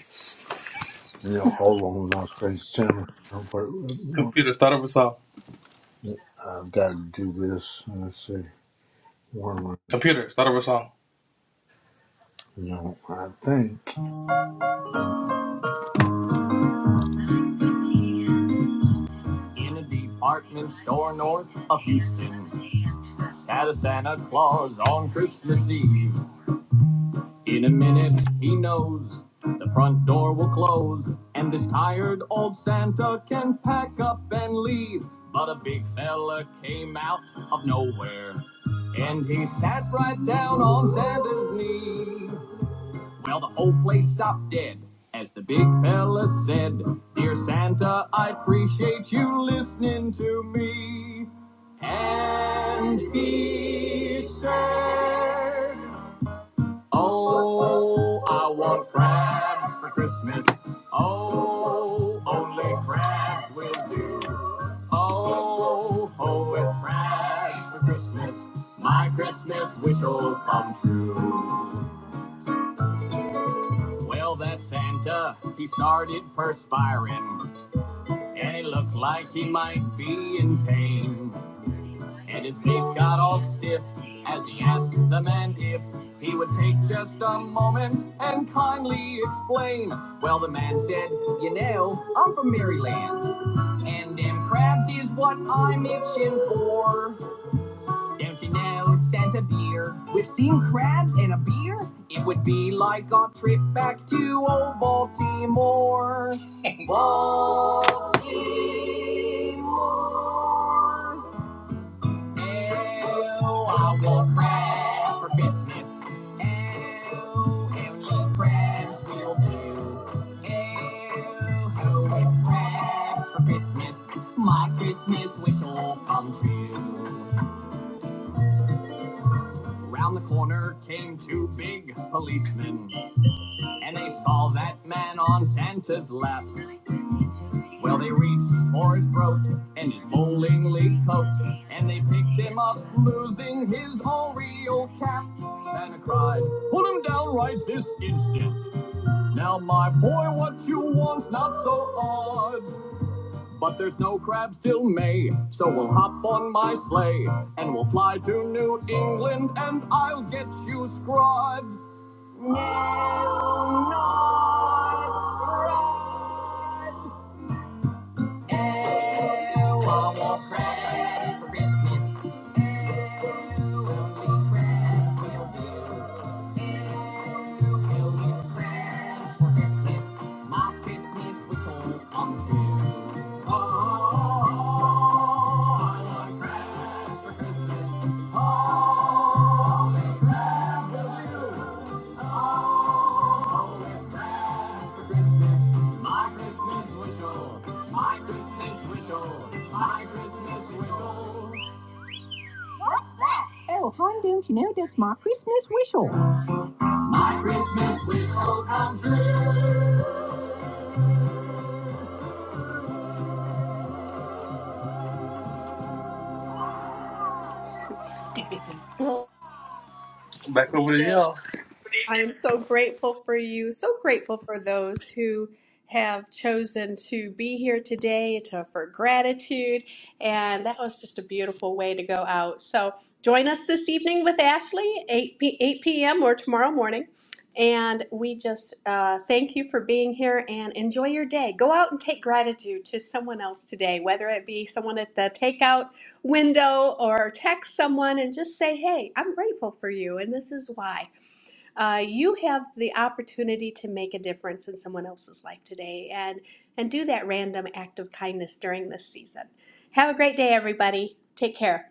Speaker 8: You know, hold on, not thanks, Tim.
Speaker 4: Computer, start up a song.
Speaker 8: I've got to do this. Let's see. Where am I?
Speaker 4: Computer, start up a song.
Speaker 8: You know, I think.
Speaker 4: in a department store north of Houston. Sat a Santa Claus on Christmas Eve. In a minute, he knows the front door will close, and this tired old Santa can pack up and leave. But a big fella came out of nowhere, and he sat right down on Santa's knee. Well, the whole place stopped dead as the big fella said, Dear Santa, I appreciate you listening to me. And he said, Oh, I want crabs for Christmas. Oh, only crabs will do. Oh, oh, with crabs for Christmas, my Christmas wish will come true. Well, that Santa, he started perspiring, and it looked like he might be in pain. And his face got all stiff as he asked the man if he would take just a moment and kindly explain. Well, the man said, You know, I'm from Maryland, and them crabs is what I'm itching for. Empty nose sent a beer with steamed crabs and a beer. It would be like a trip back to old Baltimore. Baltimore. Ew, I want crabs for Christmas. Ew, only crabs will do. Ew, who with crabs for Christmas? My Christmas wish will come true. Round the corner came two big policemen, and they saw that man on Santa's lap. Well, they reached for his throat and his bowling league coat, and they picked him up, losing his Oreo cap. Santa cried, Put him down right this instant. Now, my boy, what you want's not so odd. But there's no crabs till May, so we'll hop on my sleigh and we'll fly to New England and I'll get you scrod. Christmas, oh, Oh, I want for Christmas. Oh, will you? Oh, with crabs for Christmas. My Christmas whistle. My Christmas whistle. My Christmas whistle. My Christmas whistle come true. Back over to
Speaker 1: DJ.
Speaker 4: you
Speaker 1: I am so grateful for you, so grateful for those who have chosen to be here today to, for gratitude. And that was just a beautiful way to go out. So join us this evening with Ashley, 8, p- 8 p.m. or tomorrow morning. And we just uh, thank you for being here and enjoy your day. Go out and take gratitude to someone else today, whether it be someone at the takeout window or text someone and just say, hey, I'm grateful for you and this is why uh, you have the opportunity to make a difference in someone else's life today and and do that random act of kindness during this season. Have a great day, everybody. Take care.